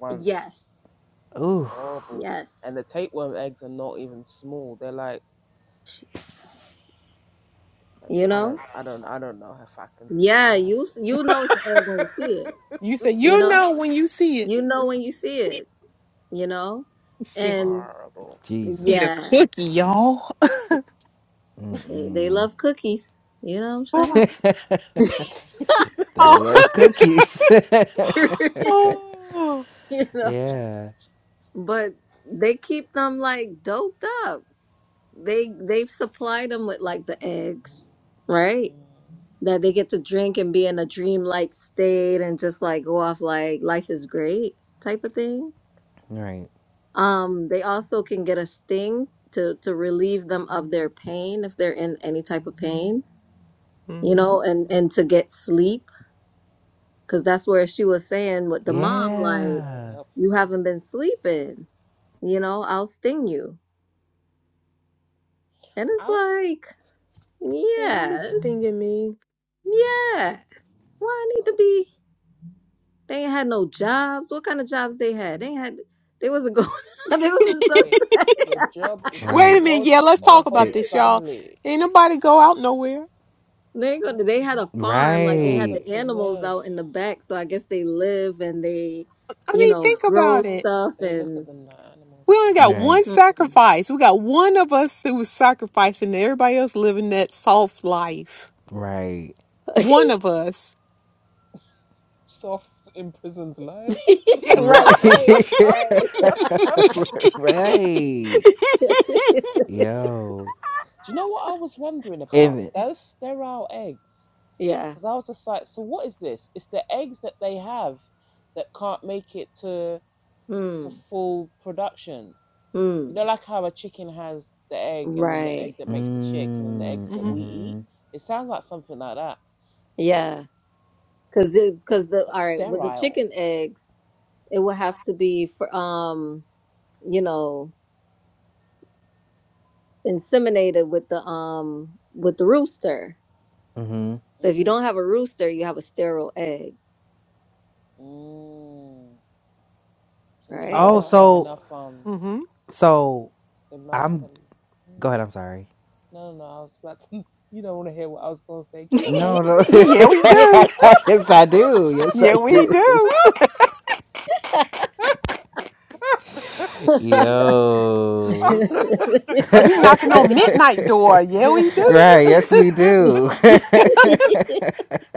Speaker 3: yes.
Speaker 1: Ooh.
Speaker 3: Yes. You know? Yeah, you s- you know it's an egg when you see it.
Speaker 4: You said
Speaker 3: You
Speaker 4: you
Speaker 3: know?
Speaker 4: know when you see it.
Speaker 3: You know when you see it, you know?
Speaker 4: See,
Speaker 3: And
Speaker 4: eat a
Speaker 1: Jesus.
Speaker 3: yeah,
Speaker 4: cookie, y'all.
Speaker 3: they they love cookies. You know what I'm saying?
Speaker 4: oh.
Speaker 1: They love cookies.
Speaker 4: oh.
Speaker 3: You know?
Speaker 1: yeah.
Speaker 3: But they keep them like doped up. They they've supplied them with like the eggs, right? That they get to drink and be in a dreamlike state and just like go off like life is great type of thing.
Speaker 1: Right.
Speaker 3: Um, they also can get a sting to to relieve them of their pain if they're in any type of pain, you
Speaker 4: Mm-hmm.
Speaker 3: know, and and to get sleep because that's where she was saying with the mom like,
Speaker 1: Yeah.
Speaker 3: you haven't been sleeping, you know, I'll sting you, and it's like,
Speaker 4: And don't be
Speaker 3: yes,
Speaker 4: stinging me.
Speaker 3: yeah, why I need to be? They ain't had no jobs. What kind of jobs they had? They ain't had. They wasn't going. they was in some.
Speaker 4: Wait
Speaker 1: Right.
Speaker 4: a minute. Yeah, let's talk about
Speaker 1: They
Speaker 4: this, y'all. Ain't nobody go out nowhere.
Speaker 3: They go. They had a farm, like they had
Speaker 1: right.
Speaker 3: the animals out in the back. So I guess they live and they,
Speaker 4: I
Speaker 3: you
Speaker 4: mean,
Speaker 3: know,
Speaker 4: think
Speaker 3: grow
Speaker 4: about it.
Speaker 3: stuff and.
Speaker 4: We only got
Speaker 1: Right.
Speaker 4: one
Speaker 3: Hmm.
Speaker 4: sacrifice. We got one of us who was sacrificing and everybody else living that soft life.
Speaker 1: Right.
Speaker 4: One of us.
Speaker 3: right, right,
Speaker 1: Right.
Speaker 3: right.
Speaker 1: right. Yo. And
Speaker 3: yeah. Hmm. Hmm. Right.
Speaker 1: mm,
Speaker 4: hmm
Speaker 1: mhm.
Speaker 3: Yeah. Cause the cause the all right with the chicken eggs, it would have to be for um you know inseminated with the um with the rooster.
Speaker 1: Mhm.
Speaker 3: So if you don't have a rooster, you have a sterile egg. right?
Speaker 1: Oh, so
Speaker 4: hmm
Speaker 1: so I'm go ahead, I'm sorry. No, no.
Speaker 4: yeah, yeah, we
Speaker 3: yeah.
Speaker 4: do.
Speaker 1: yes, I do. Yes, I
Speaker 4: Yeah, we
Speaker 1: do.
Speaker 4: do.
Speaker 1: Yo.
Speaker 4: You knocking on midnight door. Yeah, we do.
Speaker 1: right, yes we do.
Speaker 4: yeah,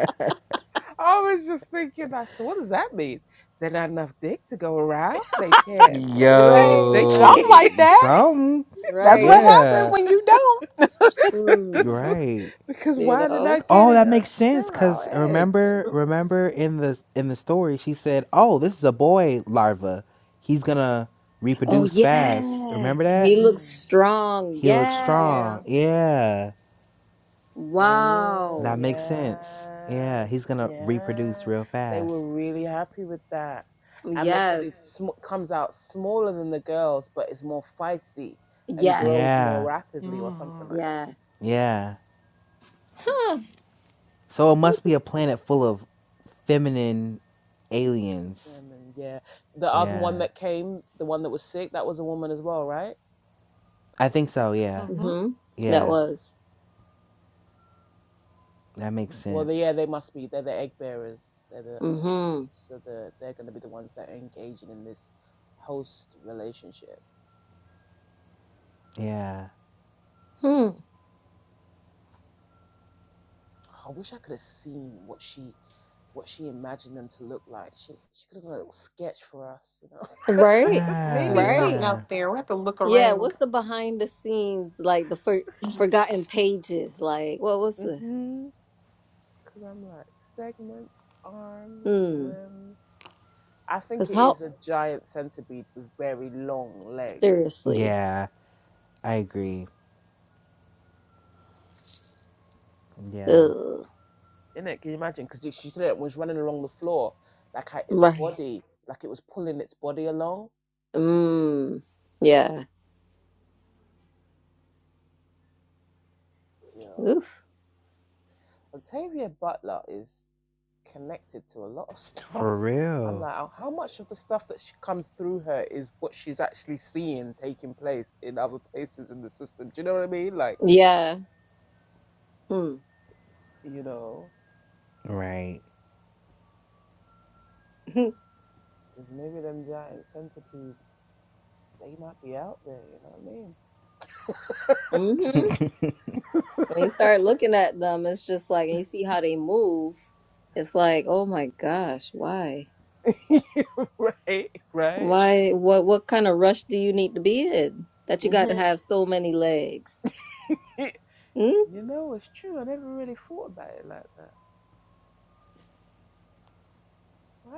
Speaker 3: right,
Speaker 4: something
Speaker 1: Yo,
Speaker 3: right,
Speaker 4: like that.
Speaker 1: some,
Speaker 4: That's what
Speaker 3: right.
Speaker 4: happened
Speaker 1: yeah,
Speaker 4: when you don't.
Speaker 3: Mm,
Speaker 1: right.
Speaker 3: you know?
Speaker 1: Oh, that makes sense. Cause remember, remember in the in the story, she said, "Oh, this is a boy larva. He's gonna
Speaker 3: Oh,
Speaker 1: reproduce fast."
Speaker 3: yeah.
Speaker 1: Remember that?
Speaker 3: He looks strong.
Speaker 1: He looks
Speaker 3: Yeah.
Speaker 4: Yeah.
Speaker 1: strong. Yeah, that
Speaker 3: Wow.
Speaker 1: makes sense. Yeah, he's gonna reproduce real fast.
Speaker 3: Yes. Yes.
Speaker 1: Yeah,
Speaker 4: hmm
Speaker 3: Yeah.
Speaker 1: yeah.
Speaker 3: Huh.
Speaker 1: So it must be a planet full of feminine aliens. Yeah. I think so, yeah.
Speaker 4: hmm
Speaker 3: Mm-hmm. That
Speaker 1: Yeah.
Speaker 3: was.
Speaker 1: That makes sense.
Speaker 3: Mm-hmm.
Speaker 1: Yeah.
Speaker 3: Hmm. Right.
Speaker 1: Yeah,
Speaker 4: Maybe something
Speaker 3: Right.
Speaker 1: yeah.
Speaker 4: out there. We have to look
Speaker 3: Yeah,
Speaker 4: around.
Speaker 3: what's the behind the scenes like the for, forgotten pages? Like what was the hmm? Cause how seriously?
Speaker 1: Yeah, I agree. Yeah.
Speaker 3: Ugh. Right. Mm. Yeah. Oof.
Speaker 1: For real.
Speaker 3: Yeah. Hmm.
Speaker 1: Right.
Speaker 3: Mm-hmm. When you start looking at them, it's just like and you see how they move. It's like, oh my gosh, why? Why? What? What kind of rush do you need to be in that you got to have so many legs? Hmm?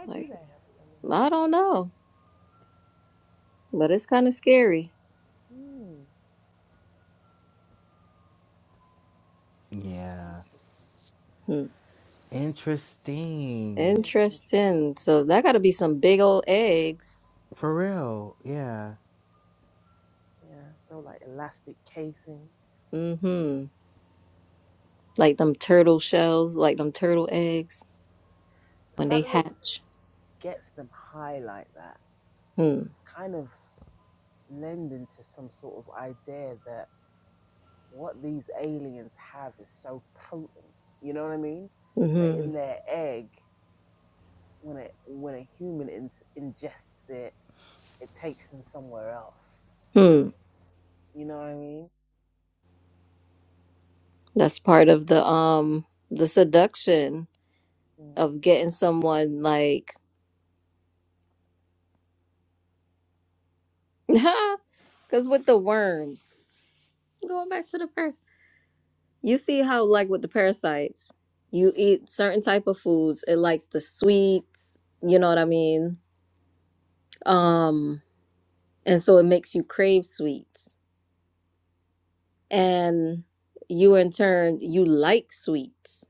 Speaker 3: Like I don't know. but it's kind of scary.
Speaker 1: Yeah.
Speaker 3: Hmm.
Speaker 1: Interesting.
Speaker 3: Interesting. So that got to be some big old eggs.
Speaker 1: For real. Yeah.
Speaker 3: Mm-hmm. Like them turtle shells, like them turtle eggs when they hatch. Hmm. Mm-hmm. Hmm. That's part of the um the seduction of getting someone like because with the worms, going back to the first, you see how like with the parasites, you eat certain type of foods. It likes the sweets. You know what I mean? Um And so it makes you crave sweets. And you in turn, you like sweets.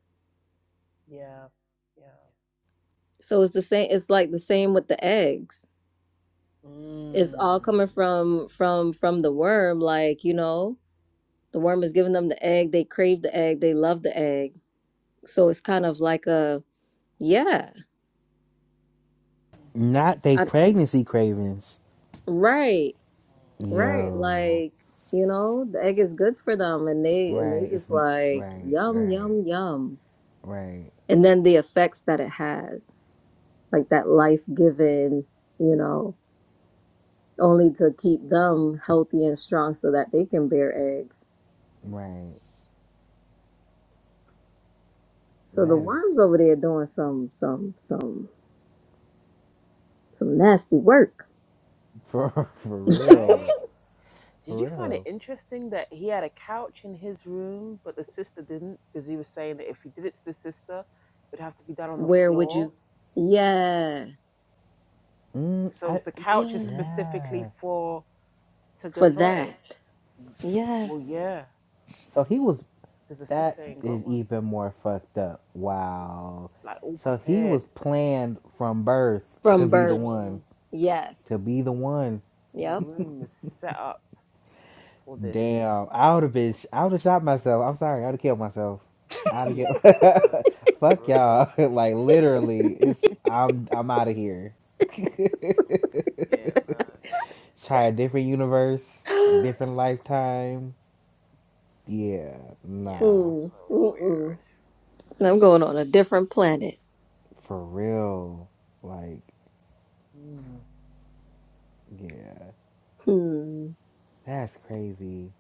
Speaker 3: So it's the same it's like the same with the eggs. It's all coming from from from the worm like, you know, the worm is giving them the egg, they crave the egg, they love the egg. So it's kind of like a yeah.
Speaker 1: Not they
Speaker 3: I,
Speaker 1: pregnancy cravings.
Speaker 3: right. Right.
Speaker 1: Yo.
Speaker 3: Like, you know, the egg is good for them and they and
Speaker 1: Right.
Speaker 3: they
Speaker 1: It's
Speaker 3: just like
Speaker 1: right,
Speaker 3: yum
Speaker 1: right,
Speaker 3: yum yum.
Speaker 1: right,
Speaker 3: And then the effects that it has. like that life given, you know, only to keep them healthy and strong so that they can bear eggs.
Speaker 1: right.
Speaker 3: So the
Speaker 1: That is
Speaker 3: worms over there doing some some some some nasty work.
Speaker 1: For for real, for real.
Speaker 3: Where would you? Yeah,
Speaker 1: Mm, I
Speaker 3: yeah,
Speaker 1: yeah.
Speaker 3: for that. Yeah,
Speaker 1: So he was. That is even more fucked up. Wow. So he was planned from birth to
Speaker 3: from
Speaker 1: be the
Speaker 3: birth.
Speaker 1: one.
Speaker 3: Yes.
Speaker 1: To be the one.
Speaker 3: Yep.
Speaker 1: Damn. I would have been. sh- I would have shot myself. I'm sorry. I would have killed myself. I would have get. Fuck y'all. like literally, it's. I'm. I'm out of here. Try a different universe,
Speaker 3: mm,
Speaker 1: different lifetime. Yeah. Nah.
Speaker 3: mm-mm. I'm going on a different planet.
Speaker 1: For real. Like, yeah.
Speaker 3: Hmm.
Speaker 1: That's crazy.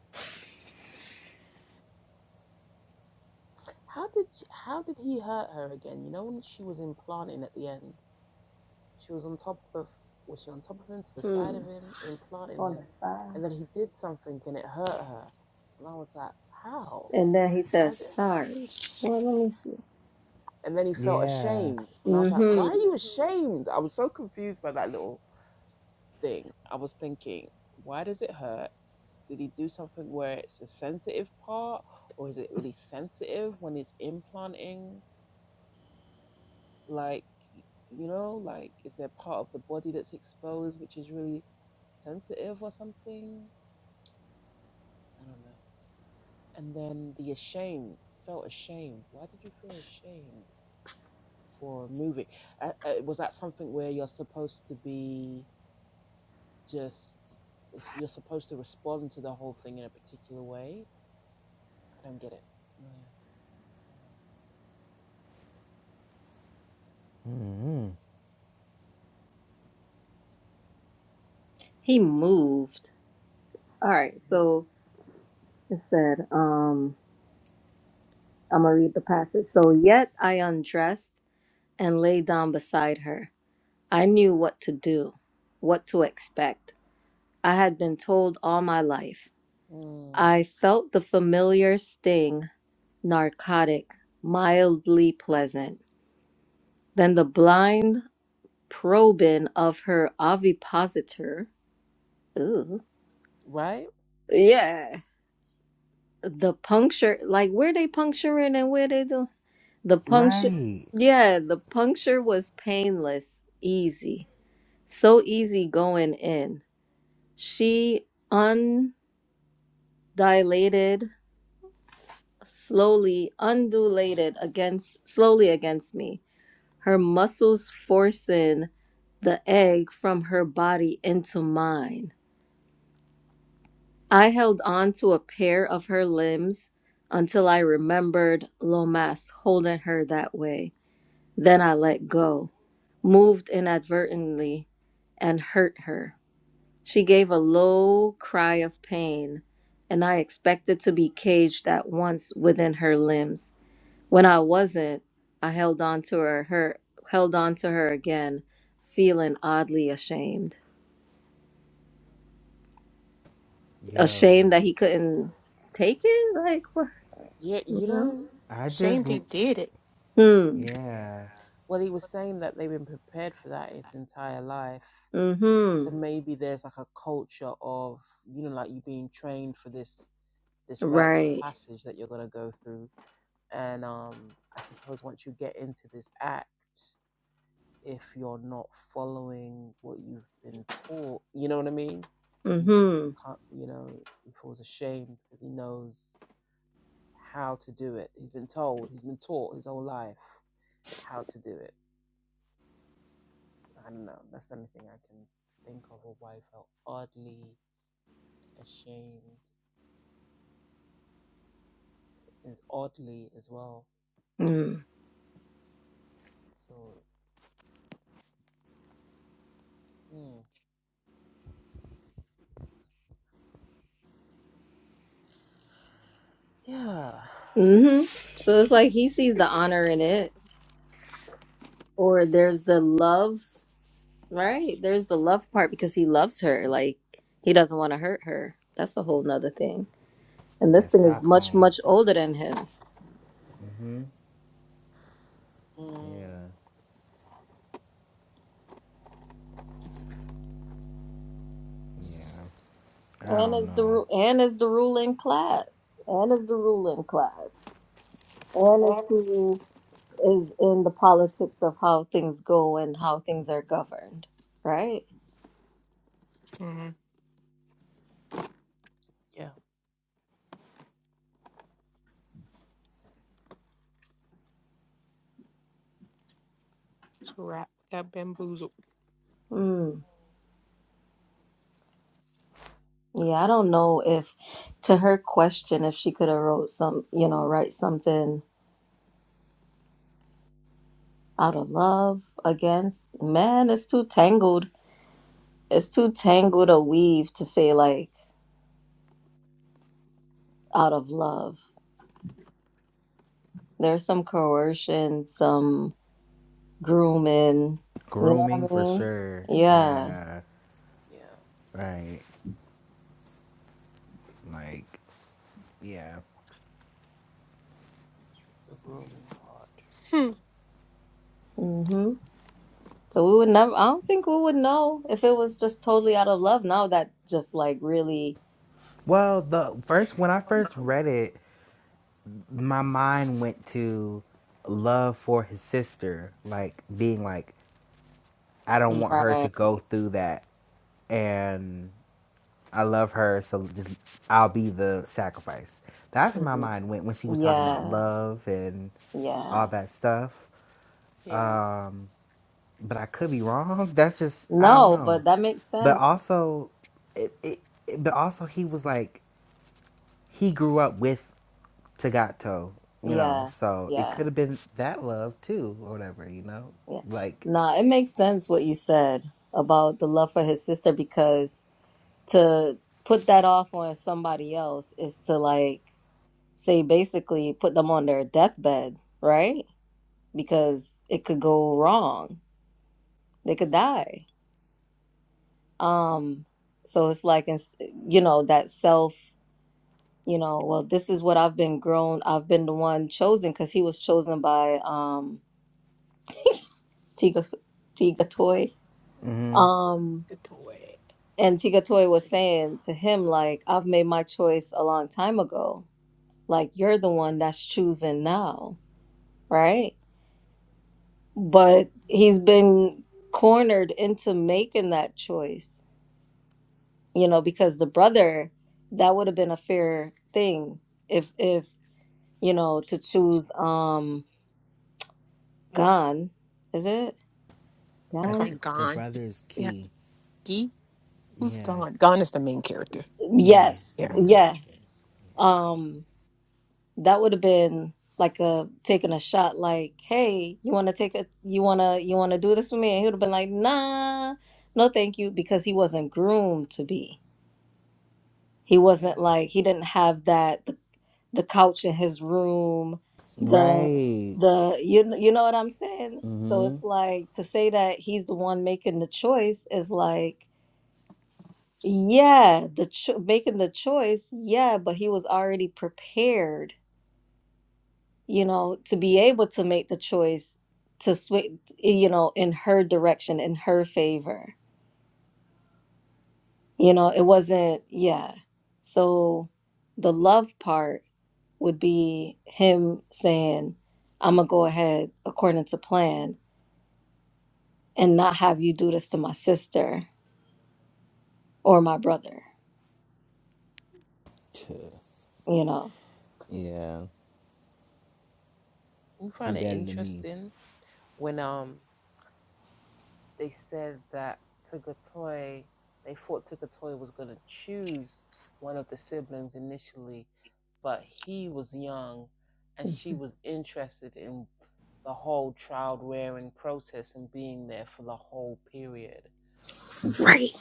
Speaker 3: Hmm. On the side. And then he says, sorry. Well, let me see.
Speaker 1: Yeah.
Speaker 3: Mm-hmm.
Speaker 1: hmm
Speaker 3: He moved. All right, so it said, um, I'm gonna read the passage. So, yet I undressed and lay down beside her. I knew what to do, what to expect. I had been told all my life. I felt the familiar sting, narcotic, mildly pleasant. Then the blind probing of her ovipositor. Ooh. Yeah. The puncture, like where they puncturing and where they doing. The puncture,
Speaker 1: Right.
Speaker 3: yeah, the puncture was painless, easy, so easy going in. She undilated, slowly undulated against, slowly against me, her muscles forcing the egg from her body into mine. I held on to a pair of her limbs until I remembered Lomas holding her that way. Then I let go. moved inadvertently and hurt her. She gave a low cry of pain, and I expected to be caged at once within her limbs. When I wasn't, I held on to her, her held on to her again, feeling oddly ashamed.
Speaker 1: Yo.
Speaker 3: Ashamed that he couldn't take it? Like what you know?
Speaker 1: I
Speaker 4: Shame
Speaker 1: just,
Speaker 4: they did it.
Speaker 3: Hmm.
Speaker 1: yeah.
Speaker 3: Mm-hmm. Right. Mm-hmm. Mm. Mm-hmm. So it's like he sees the honor in it. Or there's the love Right. There's the love part because he loves her. Like he doesn't want to hurt her. That's a whole nother thing. And this
Speaker 1: That
Speaker 3: thing is much,
Speaker 1: Stockholm.
Speaker 3: much older than him.
Speaker 1: mm hmm Yeah. I
Speaker 3: And
Speaker 1: don't
Speaker 3: is the
Speaker 1: know.
Speaker 3: ru- and is the ruling class. And is the ruling class. And is
Speaker 4: Mm-hmm.
Speaker 3: who is in the politics of how things go and how things are governed. Right?
Speaker 4: It's a wrap. Got bamboozled.
Speaker 3: Mm. Yeah, I don't know if to her question if she could have wrote some you know, write something out of love against man, it's too tangled it's too tangled a weave to say like out of love. There's some coercion, some grooming. You know what I
Speaker 1: Grooming for
Speaker 3: mean?
Speaker 1: sure.
Speaker 3: Yeah.
Speaker 1: Yeah. Right. Like, yeah.
Speaker 4: Hmm.
Speaker 3: Mhm. So we would never. I don't think we would know if it was just totally out of love. Now that just like really
Speaker 1: Well, the first, when I first read it, my mind went to love for his sister. Like, being like, I don't want her to
Speaker 3: right.
Speaker 1: go through that and I love her, so just I'll be the sacrifice. That's where my
Speaker 3: Mhm.
Speaker 1: mind went when she was talking about
Speaker 3: Yeah.
Speaker 1: love and all
Speaker 3: Yeah.
Speaker 1: that stuff.
Speaker 4: Yeah.
Speaker 1: Um, but I could be wrong. That's just I don't
Speaker 3: No, but
Speaker 1: know.
Speaker 3: that makes
Speaker 1: But
Speaker 3: sense.
Speaker 1: also, it, it, it- but also he was like he grew up with Tagato, you know,
Speaker 3: Yeah.
Speaker 1: so it
Speaker 3: Yeah.
Speaker 1: could have been that love too, or whatever, you know,
Speaker 3: Yeah.
Speaker 1: like.
Speaker 3: Nah, it makes sense what you said about the love for his sister because to put that off on somebody else is to like say basically put them on their deathbed, right? Because it could go wrong. They could die. Um so it's like it's- you know that self, you know, well this is what I've been grown, I've been the one chosen cuz he was chosen by um Tiga Tiga Toy.
Speaker 1: hmm
Speaker 3: Um
Speaker 4: Good boy.
Speaker 3: and Tiga Toy was saying to him like I've made my choice a long time ago like you're the one that's choosing now, right? But he's been cornered into making that choice, you know, because the brother, that would have been a fair thing if if you know to choose um Gan, is it
Speaker 4: I
Speaker 1: I
Speaker 4: call
Speaker 3: Gan?
Speaker 4: him
Speaker 1: think the
Speaker 4: Gone.
Speaker 1: brother's
Speaker 4: Yeah.
Speaker 1: key.
Speaker 4: Gee, who's
Speaker 1: Yeah,
Speaker 4: Gone? Gone is the main character.
Speaker 1: yeah,
Speaker 3: Yes,
Speaker 4: Yeah.
Speaker 1: main
Speaker 3: yeah.
Speaker 1: character.
Speaker 3: Um That would have been like a taking a shot like, "Hey, you want to take a you want to you want to do this with me?" And he would have been like, "Nah. No, thank you," because he wasn't groomed to be. He wasn't like he didn't have that the, the couch in his room, the
Speaker 1: Right.
Speaker 3: the you kn- you know what I'm saying? So
Speaker 1: Mm-hmm.
Speaker 3: it's like to say that he's the one making the choice is like yeah, the cho- making the choice, yeah, but he was already prepared you know, to be able to make the choice to switch, you know, in her direction, in her favor. You know, it wasn't, yeah. So the love part would be him saying, I'm going to go ahead according to plan and not have you do this to my sister or my brother, you know.
Speaker 1: Yeah. He better than me.
Speaker 3: Right,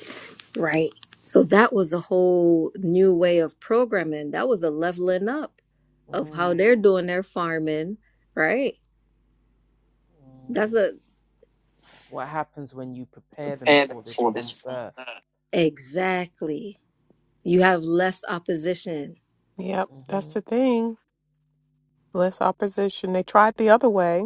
Speaker 3: right. So that was a whole new way of programming. That was a leveling up of how they're doing their farming, right? That's a exactly. You have less opposition.
Speaker 4: Yep. That's the thing. Less opposition. They tried the other way.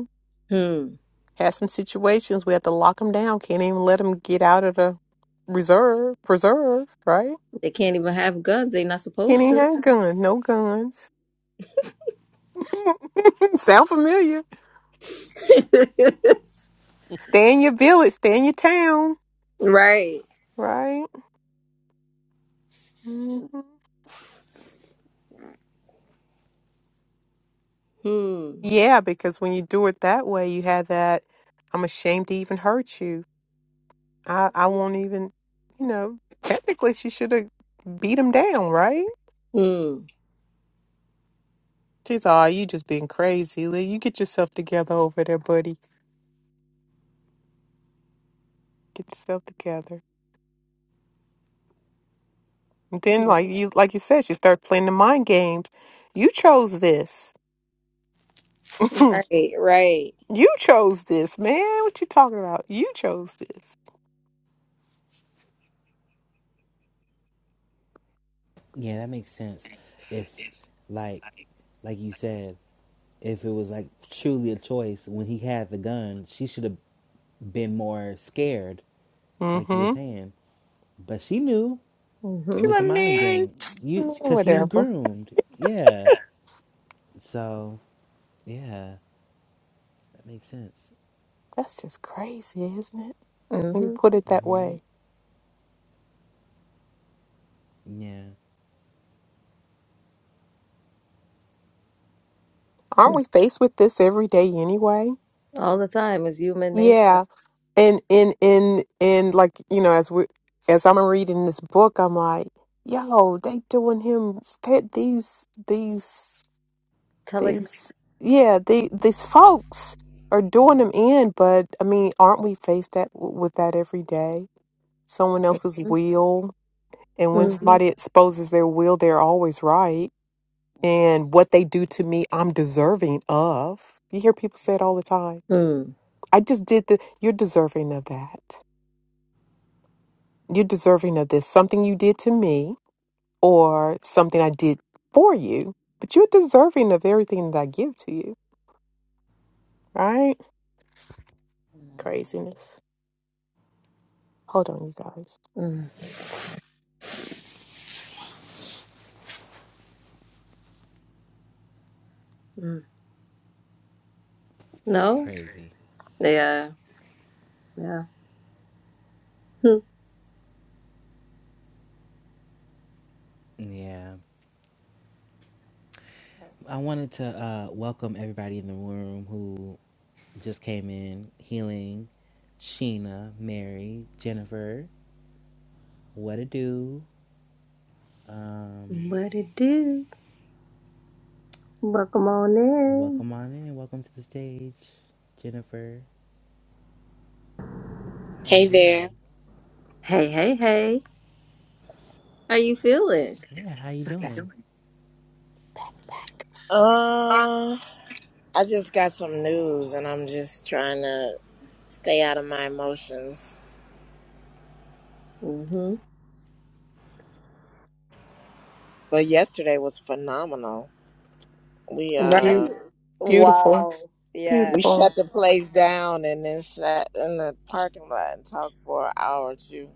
Speaker 3: Hmm.
Speaker 4: Had some situations we had to lock them down. Can't even let them get out of the reserve preserve. Right?
Speaker 3: They can't even have guns. They're not
Speaker 4: Can't
Speaker 3: supposed
Speaker 4: even
Speaker 3: to.
Speaker 4: have guns. No guns. Sound familiar? Stay in your village. Stay in your town.
Speaker 3: right.
Speaker 4: Right? hmm
Speaker 3: Hmm.
Speaker 4: Yeah, because when you do it that way, you have that. I'm ashamed to even hurt you. I I won't even. You know, technically, she should have beat him down. Right?
Speaker 3: Hmm.
Speaker 4: She's all, you just being crazy, Lee. You get yourself together over there, buddy. Get yourself together. And then, like you, like you said, she started playing the mind games. You chose this.
Speaker 3: Right. Right.
Speaker 4: you chose this, man. What you talking about? You chose this.
Speaker 1: Yeah, that makes sense. If like like you said, if it was like truly a choice when he had the gun, she should have been more scared, like you were
Speaker 4: Mm-hmm.
Speaker 1: saying. But she knew
Speaker 4: She's
Speaker 3: Mhm.
Speaker 1: with the
Speaker 4: like,
Speaker 1: mind
Speaker 4: man,
Speaker 1: game. You cuz he was
Speaker 4: whatever.
Speaker 1: groomed. Yeah. So, yeah, that makes sense.
Speaker 4: That's just crazy, isn't it? When you
Speaker 3: Mhm.
Speaker 4: put it that
Speaker 1: Mhm.
Speaker 4: way,
Speaker 1: Yeah.
Speaker 4: aren't we faced with this every day anyway?
Speaker 3: All the time is human nature.
Speaker 4: Yeah, and and and and like you know as we as i'm reading this book i'm like yo they doing him that these these
Speaker 3: Telex.
Speaker 4: these yeah the these folks are doing him in but i mean aren't we faced that with that every day someone else's
Speaker 3: Mhm.
Speaker 4: will and when
Speaker 3: Mhm.
Speaker 4: somebody exposes their will they're always right and what they do to me i'm deserving of you hear people say it all the time
Speaker 3: Mm.
Speaker 4: i just did the you're deserving of that you're deserving of this. Something you did to me or something I did for you, but you're deserving of everything that I give to you, right? Craziness. Hold on, you guys.
Speaker 3: Mm. Mm. No.
Speaker 1: Crazy.
Speaker 3: Yeah. Yeah. Hmm.
Speaker 1: Yeah. I wanted to uh, welcome everybody in the room who just came in healing Sheena, Mary, Jennifer, what a do. Um,
Speaker 3: What it do? Welcome on in.
Speaker 1: welcome on in. Welcome to the stage, Jennifer. How you
Speaker 6: Hey there.
Speaker 1: doing?
Speaker 3: Hey. Hey. Hey. How you feeling?
Speaker 1: Yeah, how you
Speaker 4: we Back.
Speaker 1: doing?
Speaker 4: back.
Speaker 6: Uh, I just got some news and I'm just trying to stay out of my emotions.
Speaker 3: Mm-hmm.
Speaker 6: But yesterday was phenomenal. We
Speaker 4: Beau-
Speaker 3: Right?
Speaker 6: uh
Speaker 4: Beautiful.
Speaker 3: Wow. Yeah.
Speaker 6: we
Speaker 4: Beautiful.
Speaker 6: shut the place down and then sat in the parking lot and talked for an hour or two.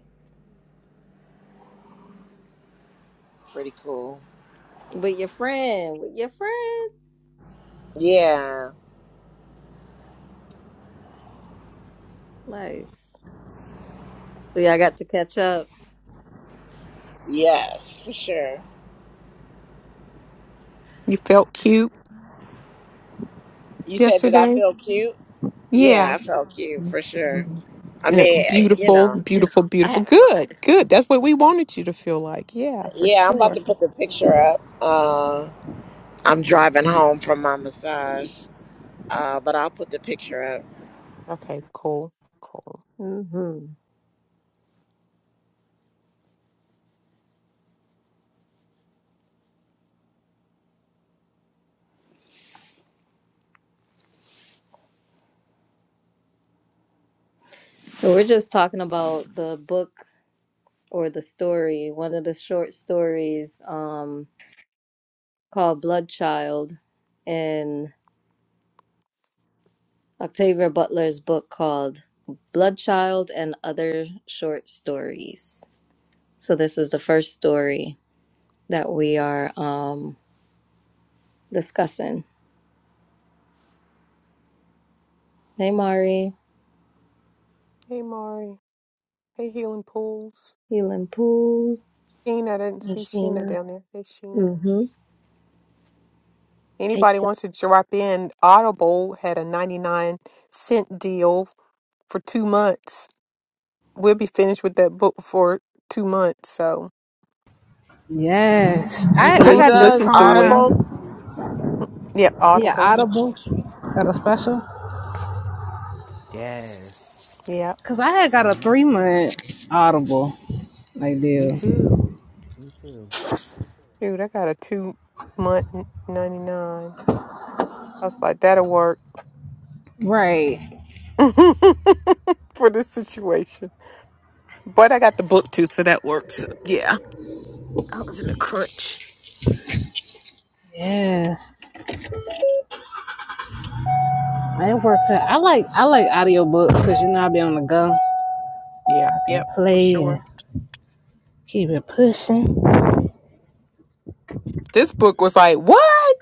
Speaker 6: Pretty cool.
Speaker 3: With your friend. With your friend.
Speaker 6: Yeah.
Speaker 3: Nice. So yeah, I got to catch up.
Speaker 6: Yes, for sure.
Speaker 4: You felt cute
Speaker 6: You said did I
Speaker 4: yesterday?
Speaker 6: feel cute?
Speaker 4: Yeah.
Speaker 6: Yeah, I felt cute for sure.
Speaker 4: Mhm.
Speaker 6: I
Speaker 4: You know,
Speaker 6: mean, you
Speaker 4: beautiful,
Speaker 6: know,
Speaker 4: beautiful,
Speaker 6: I
Speaker 4: beautiful.
Speaker 6: had my
Speaker 4: Good, good. That's what we wanted you to feel like. Yeah, for
Speaker 6: yeah, I'm about
Speaker 4: sure.
Speaker 6: to put the picture up. Uh, I'm driving home from my massage, uh, but I'll put the picture up.
Speaker 4: Okay, cool, cool.
Speaker 3: hmm So we're just talking about the book or the story, one of the short stories um called Blood Child in Octavia Butler's book called Blood Child and Other Short Stories. So this is the first story that we are um discussing. Hey Mari,
Speaker 4: Hey, Mari. Hey, Healing Pools.
Speaker 3: healing pools.
Speaker 4: Sheena, I didn't
Speaker 3: And
Speaker 4: see Sheena
Speaker 3: Sheena.
Speaker 4: down there. Hey, Sheena.
Speaker 3: Mm-hmm. Hate
Speaker 4: Anybody
Speaker 3: that.
Speaker 4: wants to drop in? Audible had a 99 cent deal for two months. We'll be finished with that book for two months, so
Speaker 5: Yes,
Speaker 4: you
Speaker 5: I
Speaker 4: can at
Speaker 5: I
Speaker 6: Who
Speaker 4: least
Speaker 5: got the
Speaker 6: does
Speaker 4: listen to it.
Speaker 5: prime.
Speaker 6: Audible?
Speaker 4: Yep,
Speaker 5: Yeah,
Speaker 4: Audible.
Speaker 5: Audible got a special.
Speaker 1: Yes.
Speaker 4: Yep.
Speaker 5: Cause I had got a three month Audible. Like
Speaker 1: Me
Speaker 5: deal.
Speaker 1: too. Me too.
Speaker 4: Dude, I got a two month 99. I was like, that'll work
Speaker 5: Right.
Speaker 4: for this situation. But I got the book too, so that works. So, Yeah.
Speaker 5: Yes. I worked out. I like I like audiobooks because you know I be on the go. I
Speaker 4: Yeah,
Speaker 5: can
Speaker 4: yep, for
Speaker 5: play
Speaker 4: sure.
Speaker 5: and keep it pushing.
Speaker 4: This book was like, what?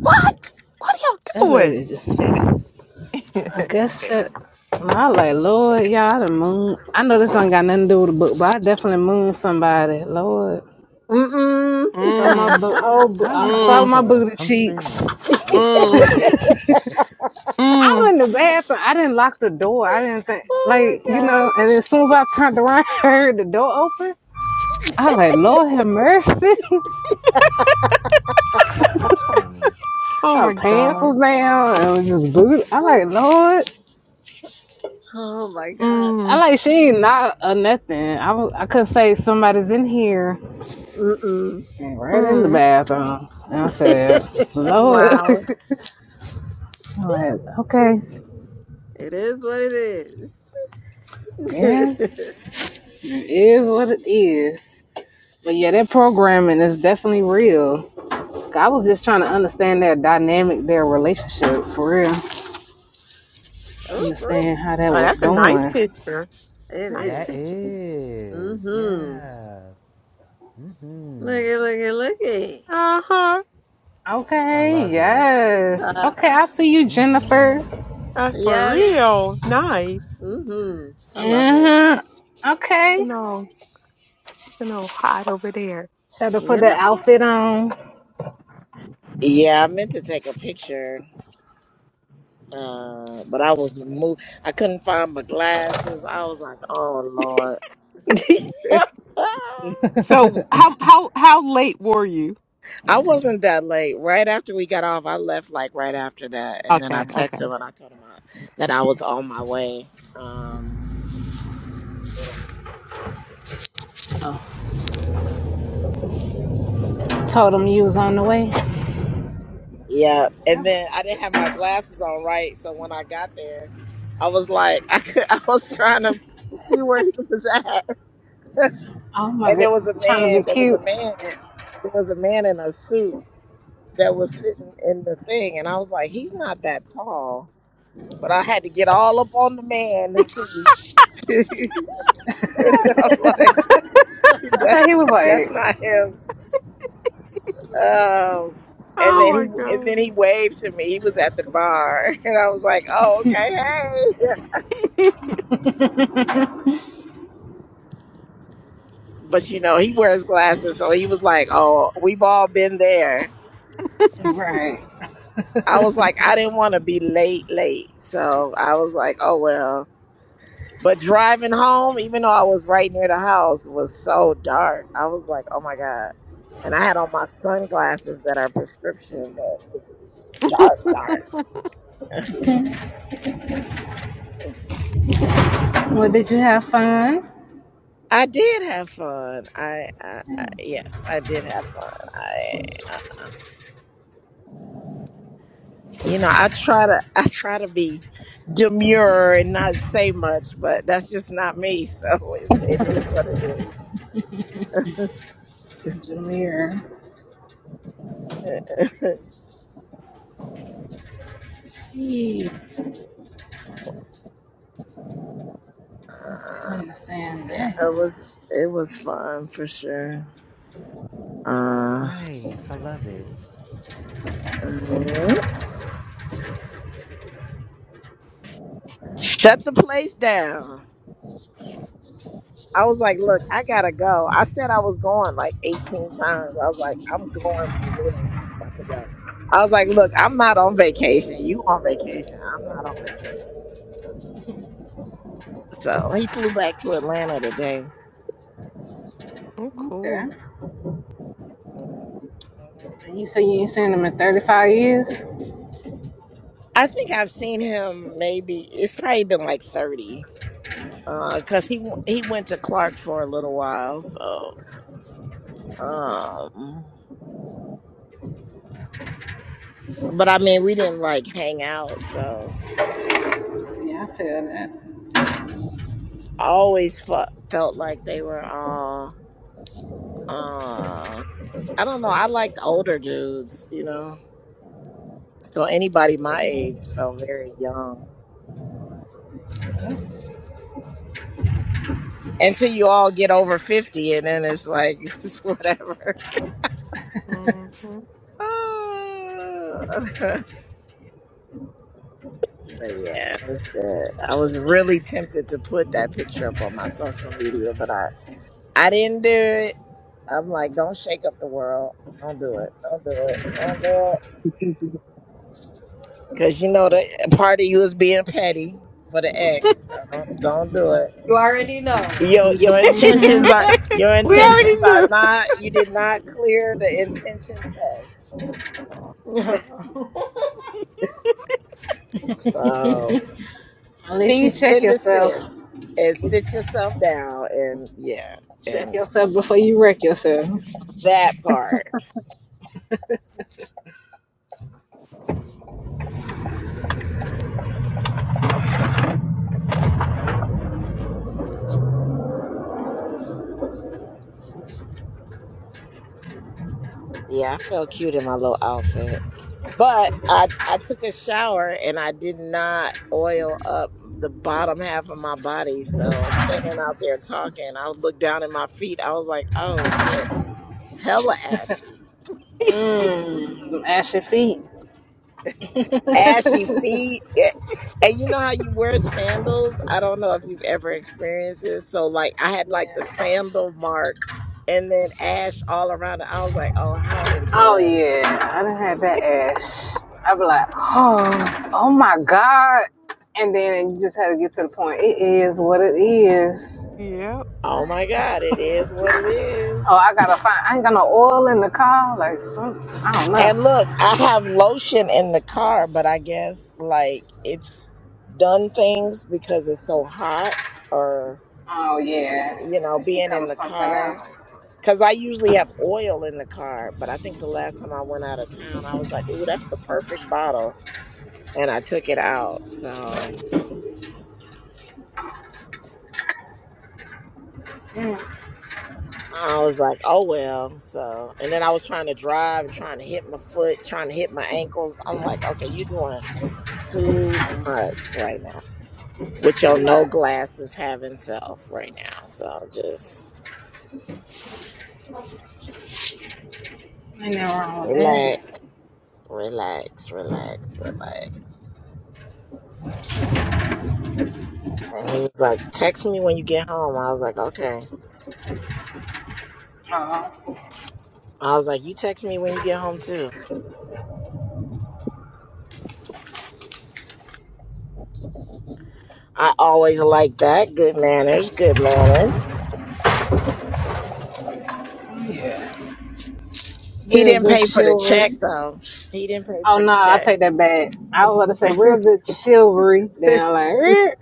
Speaker 4: What? What are y'all
Speaker 5: That lady
Speaker 4: doing?
Speaker 5: just I guess that I like Lord, y'all I done moon. I know this don't got nothing to do with the book, but I definitely moon somebody. Lord.
Speaker 3: Mm-mm.
Speaker 5: Saw my
Speaker 4: mm,
Speaker 5: bo- whole bo-
Speaker 1: How you
Speaker 5: I saw
Speaker 1: move
Speaker 4: mm,
Speaker 5: my
Speaker 1: someone?
Speaker 5: booty
Speaker 1: I'm
Speaker 5: cheeks.
Speaker 1: screaming. I'm screaming.
Speaker 4: mm,
Speaker 5: I'm
Speaker 4: mm.
Speaker 5: in the bathroom. I didn't lock the door. I didn't think
Speaker 3: oh my
Speaker 5: like you know. And as soon as I turned around, I heard the door open. I
Speaker 3: gosh.
Speaker 5: like Lord have mercy.
Speaker 1: I'm screaming.
Speaker 4: Oh
Speaker 5: Her
Speaker 4: my
Speaker 5: pants
Speaker 4: God.
Speaker 5: was down and was just boot. I like Lord.
Speaker 3: Oh my god.
Speaker 5: I
Speaker 4: Mm,
Speaker 5: like she ain't not or nothing. I was, I could say somebody's in here
Speaker 3: Mm-mm.
Speaker 5: and right in the
Speaker 4: mm.
Speaker 5: bathroom. And I
Speaker 3: it
Speaker 5: said Lord.
Speaker 4: Wow.
Speaker 5: I'm like okay,
Speaker 3: is what it is.
Speaker 5: yeah, it is what it is. But yeah, that programming is definitely real. I was just trying to understand their dynamic, their relationship for real.
Speaker 3: ooh, ooh.
Speaker 5: Understand how that
Speaker 4: Oh,
Speaker 5: was
Speaker 4: that's a nice
Speaker 5: going.
Speaker 4: picture.
Speaker 3: It
Speaker 4: Nice
Speaker 3: is.
Speaker 1: That
Speaker 4: picture.
Speaker 1: is,
Speaker 3: Mm-hmm.
Speaker 1: yeah. hmm
Speaker 3: Look at look at look at.
Speaker 4: Uh huh.
Speaker 1: I
Speaker 5: Okay,
Speaker 1: love it.
Speaker 5: yes. Okay,
Speaker 3: Uh,
Speaker 5: I see you, Jennifer.
Speaker 1: hmm
Speaker 4: Uh, for
Speaker 3: yes.
Speaker 4: real. Nice.
Speaker 3: Mm-hmm. I love it.
Speaker 5: uh Okay.
Speaker 4: No, no, hot over there.
Speaker 5: Should have put
Speaker 3: You know?
Speaker 5: that outfit on.
Speaker 6: Yeah, I meant to take a picture, uh, but I was moved. I couldn't find my glasses. I was like, "Oh Lord!"
Speaker 4: So, how how how late were you?
Speaker 6: I wasn't that late. Right after we got off, I left like right after that, and then I
Speaker 4: Okay, okay.
Speaker 6: texted him and I told him I, that I was on my way. Um,
Speaker 5: Oh, told him you was on the way.
Speaker 6: Yeah, and
Speaker 5: That was
Speaker 6: then I
Speaker 5: good.
Speaker 6: didn't have my glasses on right, so when I got there, I was like, I could, I was trying to see where he was at,
Speaker 5: Oh my
Speaker 6: and
Speaker 5: god,
Speaker 6: there was a
Speaker 5: trying to
Speaker 6: man,
Speaker 5: be
Speaker 6: there was a
Speaker 5: cute.
Speaker 6: man, in- there was a man in a suit that was sitting in the thing, and I was like, he's not that tall, but I had to get all up on the man to see. I'm like,
Speaker 5: I bet he
Speaker 6: that's
Speaker 5: was
Speaker 6: that's
Speaker 5: like,
Speaker 6: not him. Um, and
Speaker 4: Oh
Speaker 6: then
Speaker 4: my
Speaker 6: he and then he
Speaker 4: gosh.
Speaker 6: waved to me. He was at the bar, and I was like, oh okay, hey. but you know he wears glasses so he was like oh we've all been there
Speaker 5: right.
Speaker 6: i was like i didn't want to be late late so i was like oh well but driving home even though i was right near the house was so dark i was like oh my god and i had on my sunglasses that are prescription but it was dark dark
Speaker 5: Well, did you have fun?
Speaker 6: i did have fun i, I, I yes i did have fun I. You know, I try to I try to be demure and not say much, but that's just not me. So it's, it is what it is.
Speaker 5: Jameer. He definitely
Speaker 6: Uh,
Speaker 5: understand
Speaker 6: yeah,
Speaker 5: that.
Speaker 6: it was it was fun for sure. Uh,
Speaker 1: Nice. I love it. I love it.
Speaker 6: uh, shut the place down. I was like, look, I gotta go. I said I was going like 18 times. I was like, I'm going for real now. I'm about to go. I was like, look, I'm not on vacation. You on vacation. I'm not on vacation. So he flew back to Atlanta today.
Speaker 4: oh,
Speaker 5: Okay.
Speaker 4: cool.
Speaker 6: Mm-hmm.
Speaker 5: And you say you ain't seen him in 35 years?
Speaker 6: I think I've seen him maybe it's probably been like 30 Uh 'cause cuz he he went to Clark for a little while so um but I mean we didn't like hang out so
Speaker 5: Yeah, I feel that.
Speaker 6: I always f- felt like they were all uh I don't know I liked older dudes you know so anybody my age felt very young until you all get over 50 and then it's like it's whatever
Speaker 4: Mhm.
Speaker 6: Ah. But yeah, it was good. I was really tempted to put that picture up on my social media, but I I didn't do it. I'm like, don't shake up the world. Don't do it. Don't do it. Don't do it.
Speaker 7: Thank
Speaker 6: Cause you know the part of you is being petty for the ex. So don't don't do it.
Speaker 3: You already know.
Speaker 6: Your
Speaker 7: you.
Speaker 6: your
Speaker 5: hmm
Speaker 6: intentions are your
Speaker 4: we already
Speaker 6: intentions are
Speaker 4: knew.
Speaker 6: not you did not clear the intention test. So
Speaker 5: Unless you
Speaker 6: cease
Speaker 5: check
Speaker 6: and
Speaker 5: yourself.
Speaker 6: desist and sit yourself down and yeah
Speaker 5: Check
Speaker 6: and
Speaker 5: yourself before you wreck yourself.
Speaker 6: that part. Yeah, I felt cute in my little outfit. But I I took a shower and I did not oil up the bottom half of my body. So standing out there talking, I looked down at my feet. I was like, oh shit, I'm hella ashy.
Speaker 5: Mmm, them ashy feet.
Speaker 6: Ashy feet. Yeah. And you know how you wear sandals? I don't know if you've ever experienced this. So like I had like
Speaker 5: yeah.
Speaker 6: the sandal mark and then ash all around it. I was like, oh, how
Speaker 5: Oh, yeah.
Speaker 6: embarrassing.
Speaker 5: I done had that ash. I be like, oh, oh my God. And then you just had to get to the point. It is what it is.
Speaker 4: Yep.
Speaker 6: Oh my God, it is what it
Speaker 5: Oh,
Speaker 6: is.
Speaker 5: I gotta find. I ain't got no oil in the car. Like, some, I don't know.
Speaker 6: And look, I have lotion in the car, but I guess like it's done things because it's so hot or,
Speaker 5: Oh yeah,
Speaker 6: you know,
Speaker 5: it's
Speaker 6: being
Speaker 5: become
Speaker 6: in the
Speaker 5: something
Speaker 6: car.
Speaker 5: else.
Speaker 6: Because I usually have oil in the car, but I think the last time I went out of town, I was like, ooh, that's the perfect bottle. And I took it out. So
Speaker 5: Mm,
Speaker 6: I was like, oh, well. So, and then I was trying to drive and trying to hit my foot, trying to hit my ankles. I'm like, okay, you're doing too much right now. with your
Speaker 5: too
Speaker 6: no
Speaker 5: much.
Speaker 6: glasses having self right now. So just
Speaker 5: Ain't nothing wrong with that.
Speaker 6: relax, relax, relax, relax. And he was like, Text me when you get home. I was like, Okay.
Speaker 5: Uh,
Speaker 6: I was like, You text me when you get home too. I always like that. Good manners, good manners. He
Speaker 5: Real
Speaker 6: didn't
Speaker 5: good
Speaker 6: pay for the
Speaker 5: chivalry.
Speaker 6: check though. He didn't pay
Speaker 5: Oh
Speaker 6: for
Speaker 5: no,
Speaker 6: the
Speaker 5: I
Speaker 6: check.
Speaker 5: take that back. I was about to say real good chivalry. Then I'm like, eh.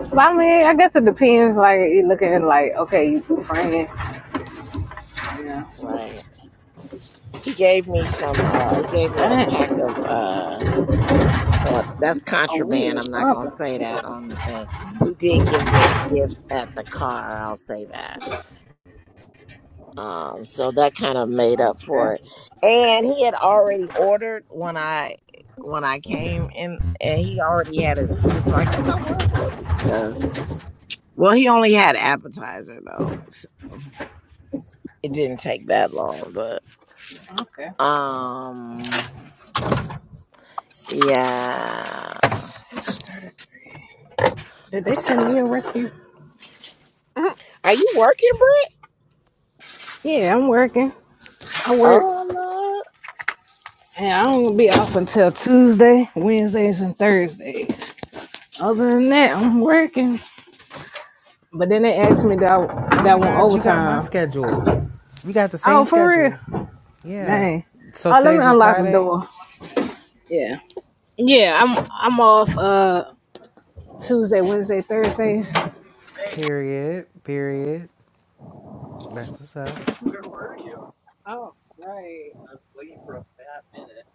Speaker 5: But I mean, I guess it depends. Like you looking at it like, okay, you two friends. yeah.
Speaker 6: Right. He gave me some uh he gave me a
Speaker 5: Dang.
Speaker 6: pack of uh Well, that's
Speaker 5: Oh, we
Speaker 6: contraband.
Speaker 5: is
Speaker 6: I'm not gonna
Speaker 5: bumping.
Speaker 6: say that on the thing. He did give me a gift at the car. I'll say that. Um, so that kind of made up
Speaker 5: Okay,
Speaker 6: for it. And he had already ordered when I when I came in, and he already had his food. So I guess I was late because well, he only had appetizer though. So it didn't take that long, but
Speaker 5: okay.
Speaker 6: um, yeah.
Speaker 5: Did they send me a rescue?
Speaker 4: Good
Speaker 6: Are you working, Bree?
Speaker 5: Yeah, I'm working. I work,
Speaker 6: Oh
Speaker 5: and I don't be off until Tuesday, Wednesdays, and Thursdays. Other than that, I'm working. But then they asked me that I,
Speaker 1: Oh
Speaker 5: that
Speaker 1: my
Speaker 5: one
Speaker 1: God, you got my
Speaker 5: overtime.
Speaker 1: schedule. We got the
Speaker 5: Oh,
Speaker 1: same
Speaker 5: for real?
Speaker 1: schedule. Yeah.
Speaker 5: Dang.
Speaker 1: So
Speaker 5: Oh, let me
Speaker 1: today's your
Speaker 5: unlock the
Speaker 1: Friday?
Speaker 5: door. Yeah. Yeah, I'm I'm off uh Tuesday, Wednesday, Thursday.
Speaker 1: Period. Period. That's what's up.
Speaker 5: Oh, right. I was waiting for a bad minute.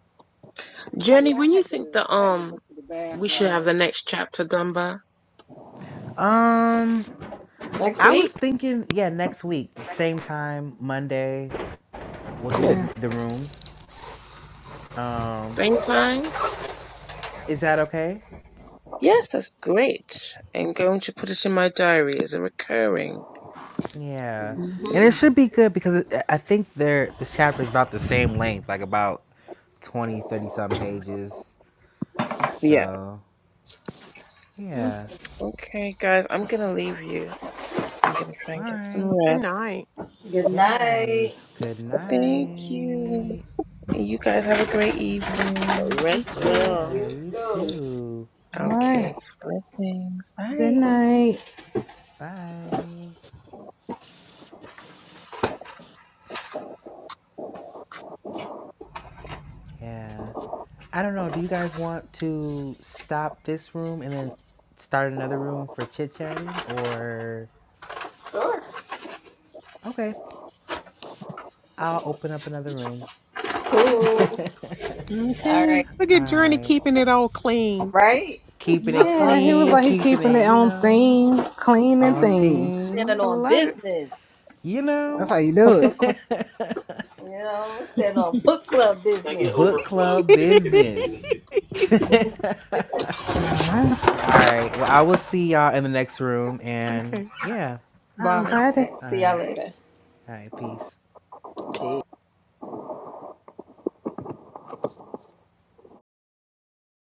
Speaker 5: Oh
Speaker 2: Jenny,
Speaker 5: yeah,
Speaker 2: when
Speaker 5: I
Speaker 2: you
Speaker 5: had
Speaker 2: think
Speaker 5: to
Speaker 2: that
Speaker 5: I had to go
Speaker 2: um
Speaker 5: to the
Speaker 2: we should
Speaker 5: bathroom.
Speaker 2: have
Speaker 5: Oh.
Speaker 2: the next chapter done by?
Speaker 1: Um,
Speaker 3: Next
Speaker 1: I
Speaker 3: week.
Speaker 1: was thinking, yeah, next week, same time, Monday, we'll do
Speaker 2: Cool.
Speaker 1: the
Speaker 5: Yeah.
Speaker 1: the room. Um,
Speaker 2: Same time?
Speaker 1: is that okay?
Speaker 2: Yes, that's great. I'm going to put it in my diary as a recurring.
Speaker 5: Let
Speaker 1: Yeah,
Speaker 5: me see.
Speaker 1: and
Speaker 3: hmm
Speaker 1: it should be good because it, I think they're the chapter is about the same length, like about 20, 30 some pages.
Speaker 2: Yeah.
Speaker 1: So, yeah.
Speaker 2: Okay, guys, I'm gonna leave you. I'm gonna try
Speaker 1: All
Speaker 2: and get some
Speaker 1: right.
Speaker 2: rest.
Speaker 4: night.
Speaker 3: Good night.
Speaker 1: Yes. Good
Speaker 2: Thank you.
Speaker 1: night.
Speaker 2: You guys have a great evening.
Speaker 6: Lord,
Speaker 4: You
Speaker 6: rest
Speaker 4: too.
Speaker 6: well.
Speaker 1: Yeah,
Speaker 3: You
Speaker 1: you
Speaker 3: too.
Speaker 1: too.
Speaker 5: All right.
Speaker 2: Okay.
Speaker 5: Good night.
Speaker 1: Bye. Yeah. I don't know. Do you guys want to stop this room and then start another room for chit chatting? Or,
Speaker 3: Sure.
Speaker 1: okay, I'll open up another room.
Speaker 4: Okay.
Speaker 1: All
Speaker 3: Cool. All
Speaker 5: Okay.
Speaker 3: right.
Speaker 4: Look at Journey
Speaker 1: right.
Speaker 4: keeping it all clean.
Speaker 3: Right?
Speaker 1: Keeping
Speaker 3: I
Speaker 1: it
Speaker 3: love
Speaker 5: Yeah, he was
Speaker 1: clean,
Speaker 3: it.
Speaker 5: like he
Speaker 1: keeping
Speaker 5: keeping
Speaker 1: it,
Speaker 5: it
Speaker 1: you
Speaker 5: on
Speaker 1: know,
Speaker 5: theme, clean
Speaker 4: Aw,
Speaker 5: and
Speaker 1: on
Speaker 4: man.
Speaker 5: themes.
Speaker 3: Standing
Speaker 1: theme,
Speaker 4: I
Speaker 3: on
Speaker 4: love
Speaker 3: business.
Speaker 1: you
Speaker 5: That's
Speaker 1: know.
Speaker 5: how you do it.
Speaker 3: You know, standing on book club business.
Speaker 1: Book club business. All
Speaker 4: it.
Speaker 3: All
Speaker 5: All right.
Speaker 1: right. Well, I will see y'all in the next room. And
Speaker 4: okay.
Speaker 1: yeah.
Speaker 5: I'm
Speaker 4: Bye.
Speaker 5: glad to
Speaker 3: right.
Speaker 1: All
Speaker 3: See y'all
Speaker 1: right.
Speaker 3: later.
Speaker 1: All right. Peace.
Speaker 6: Peace.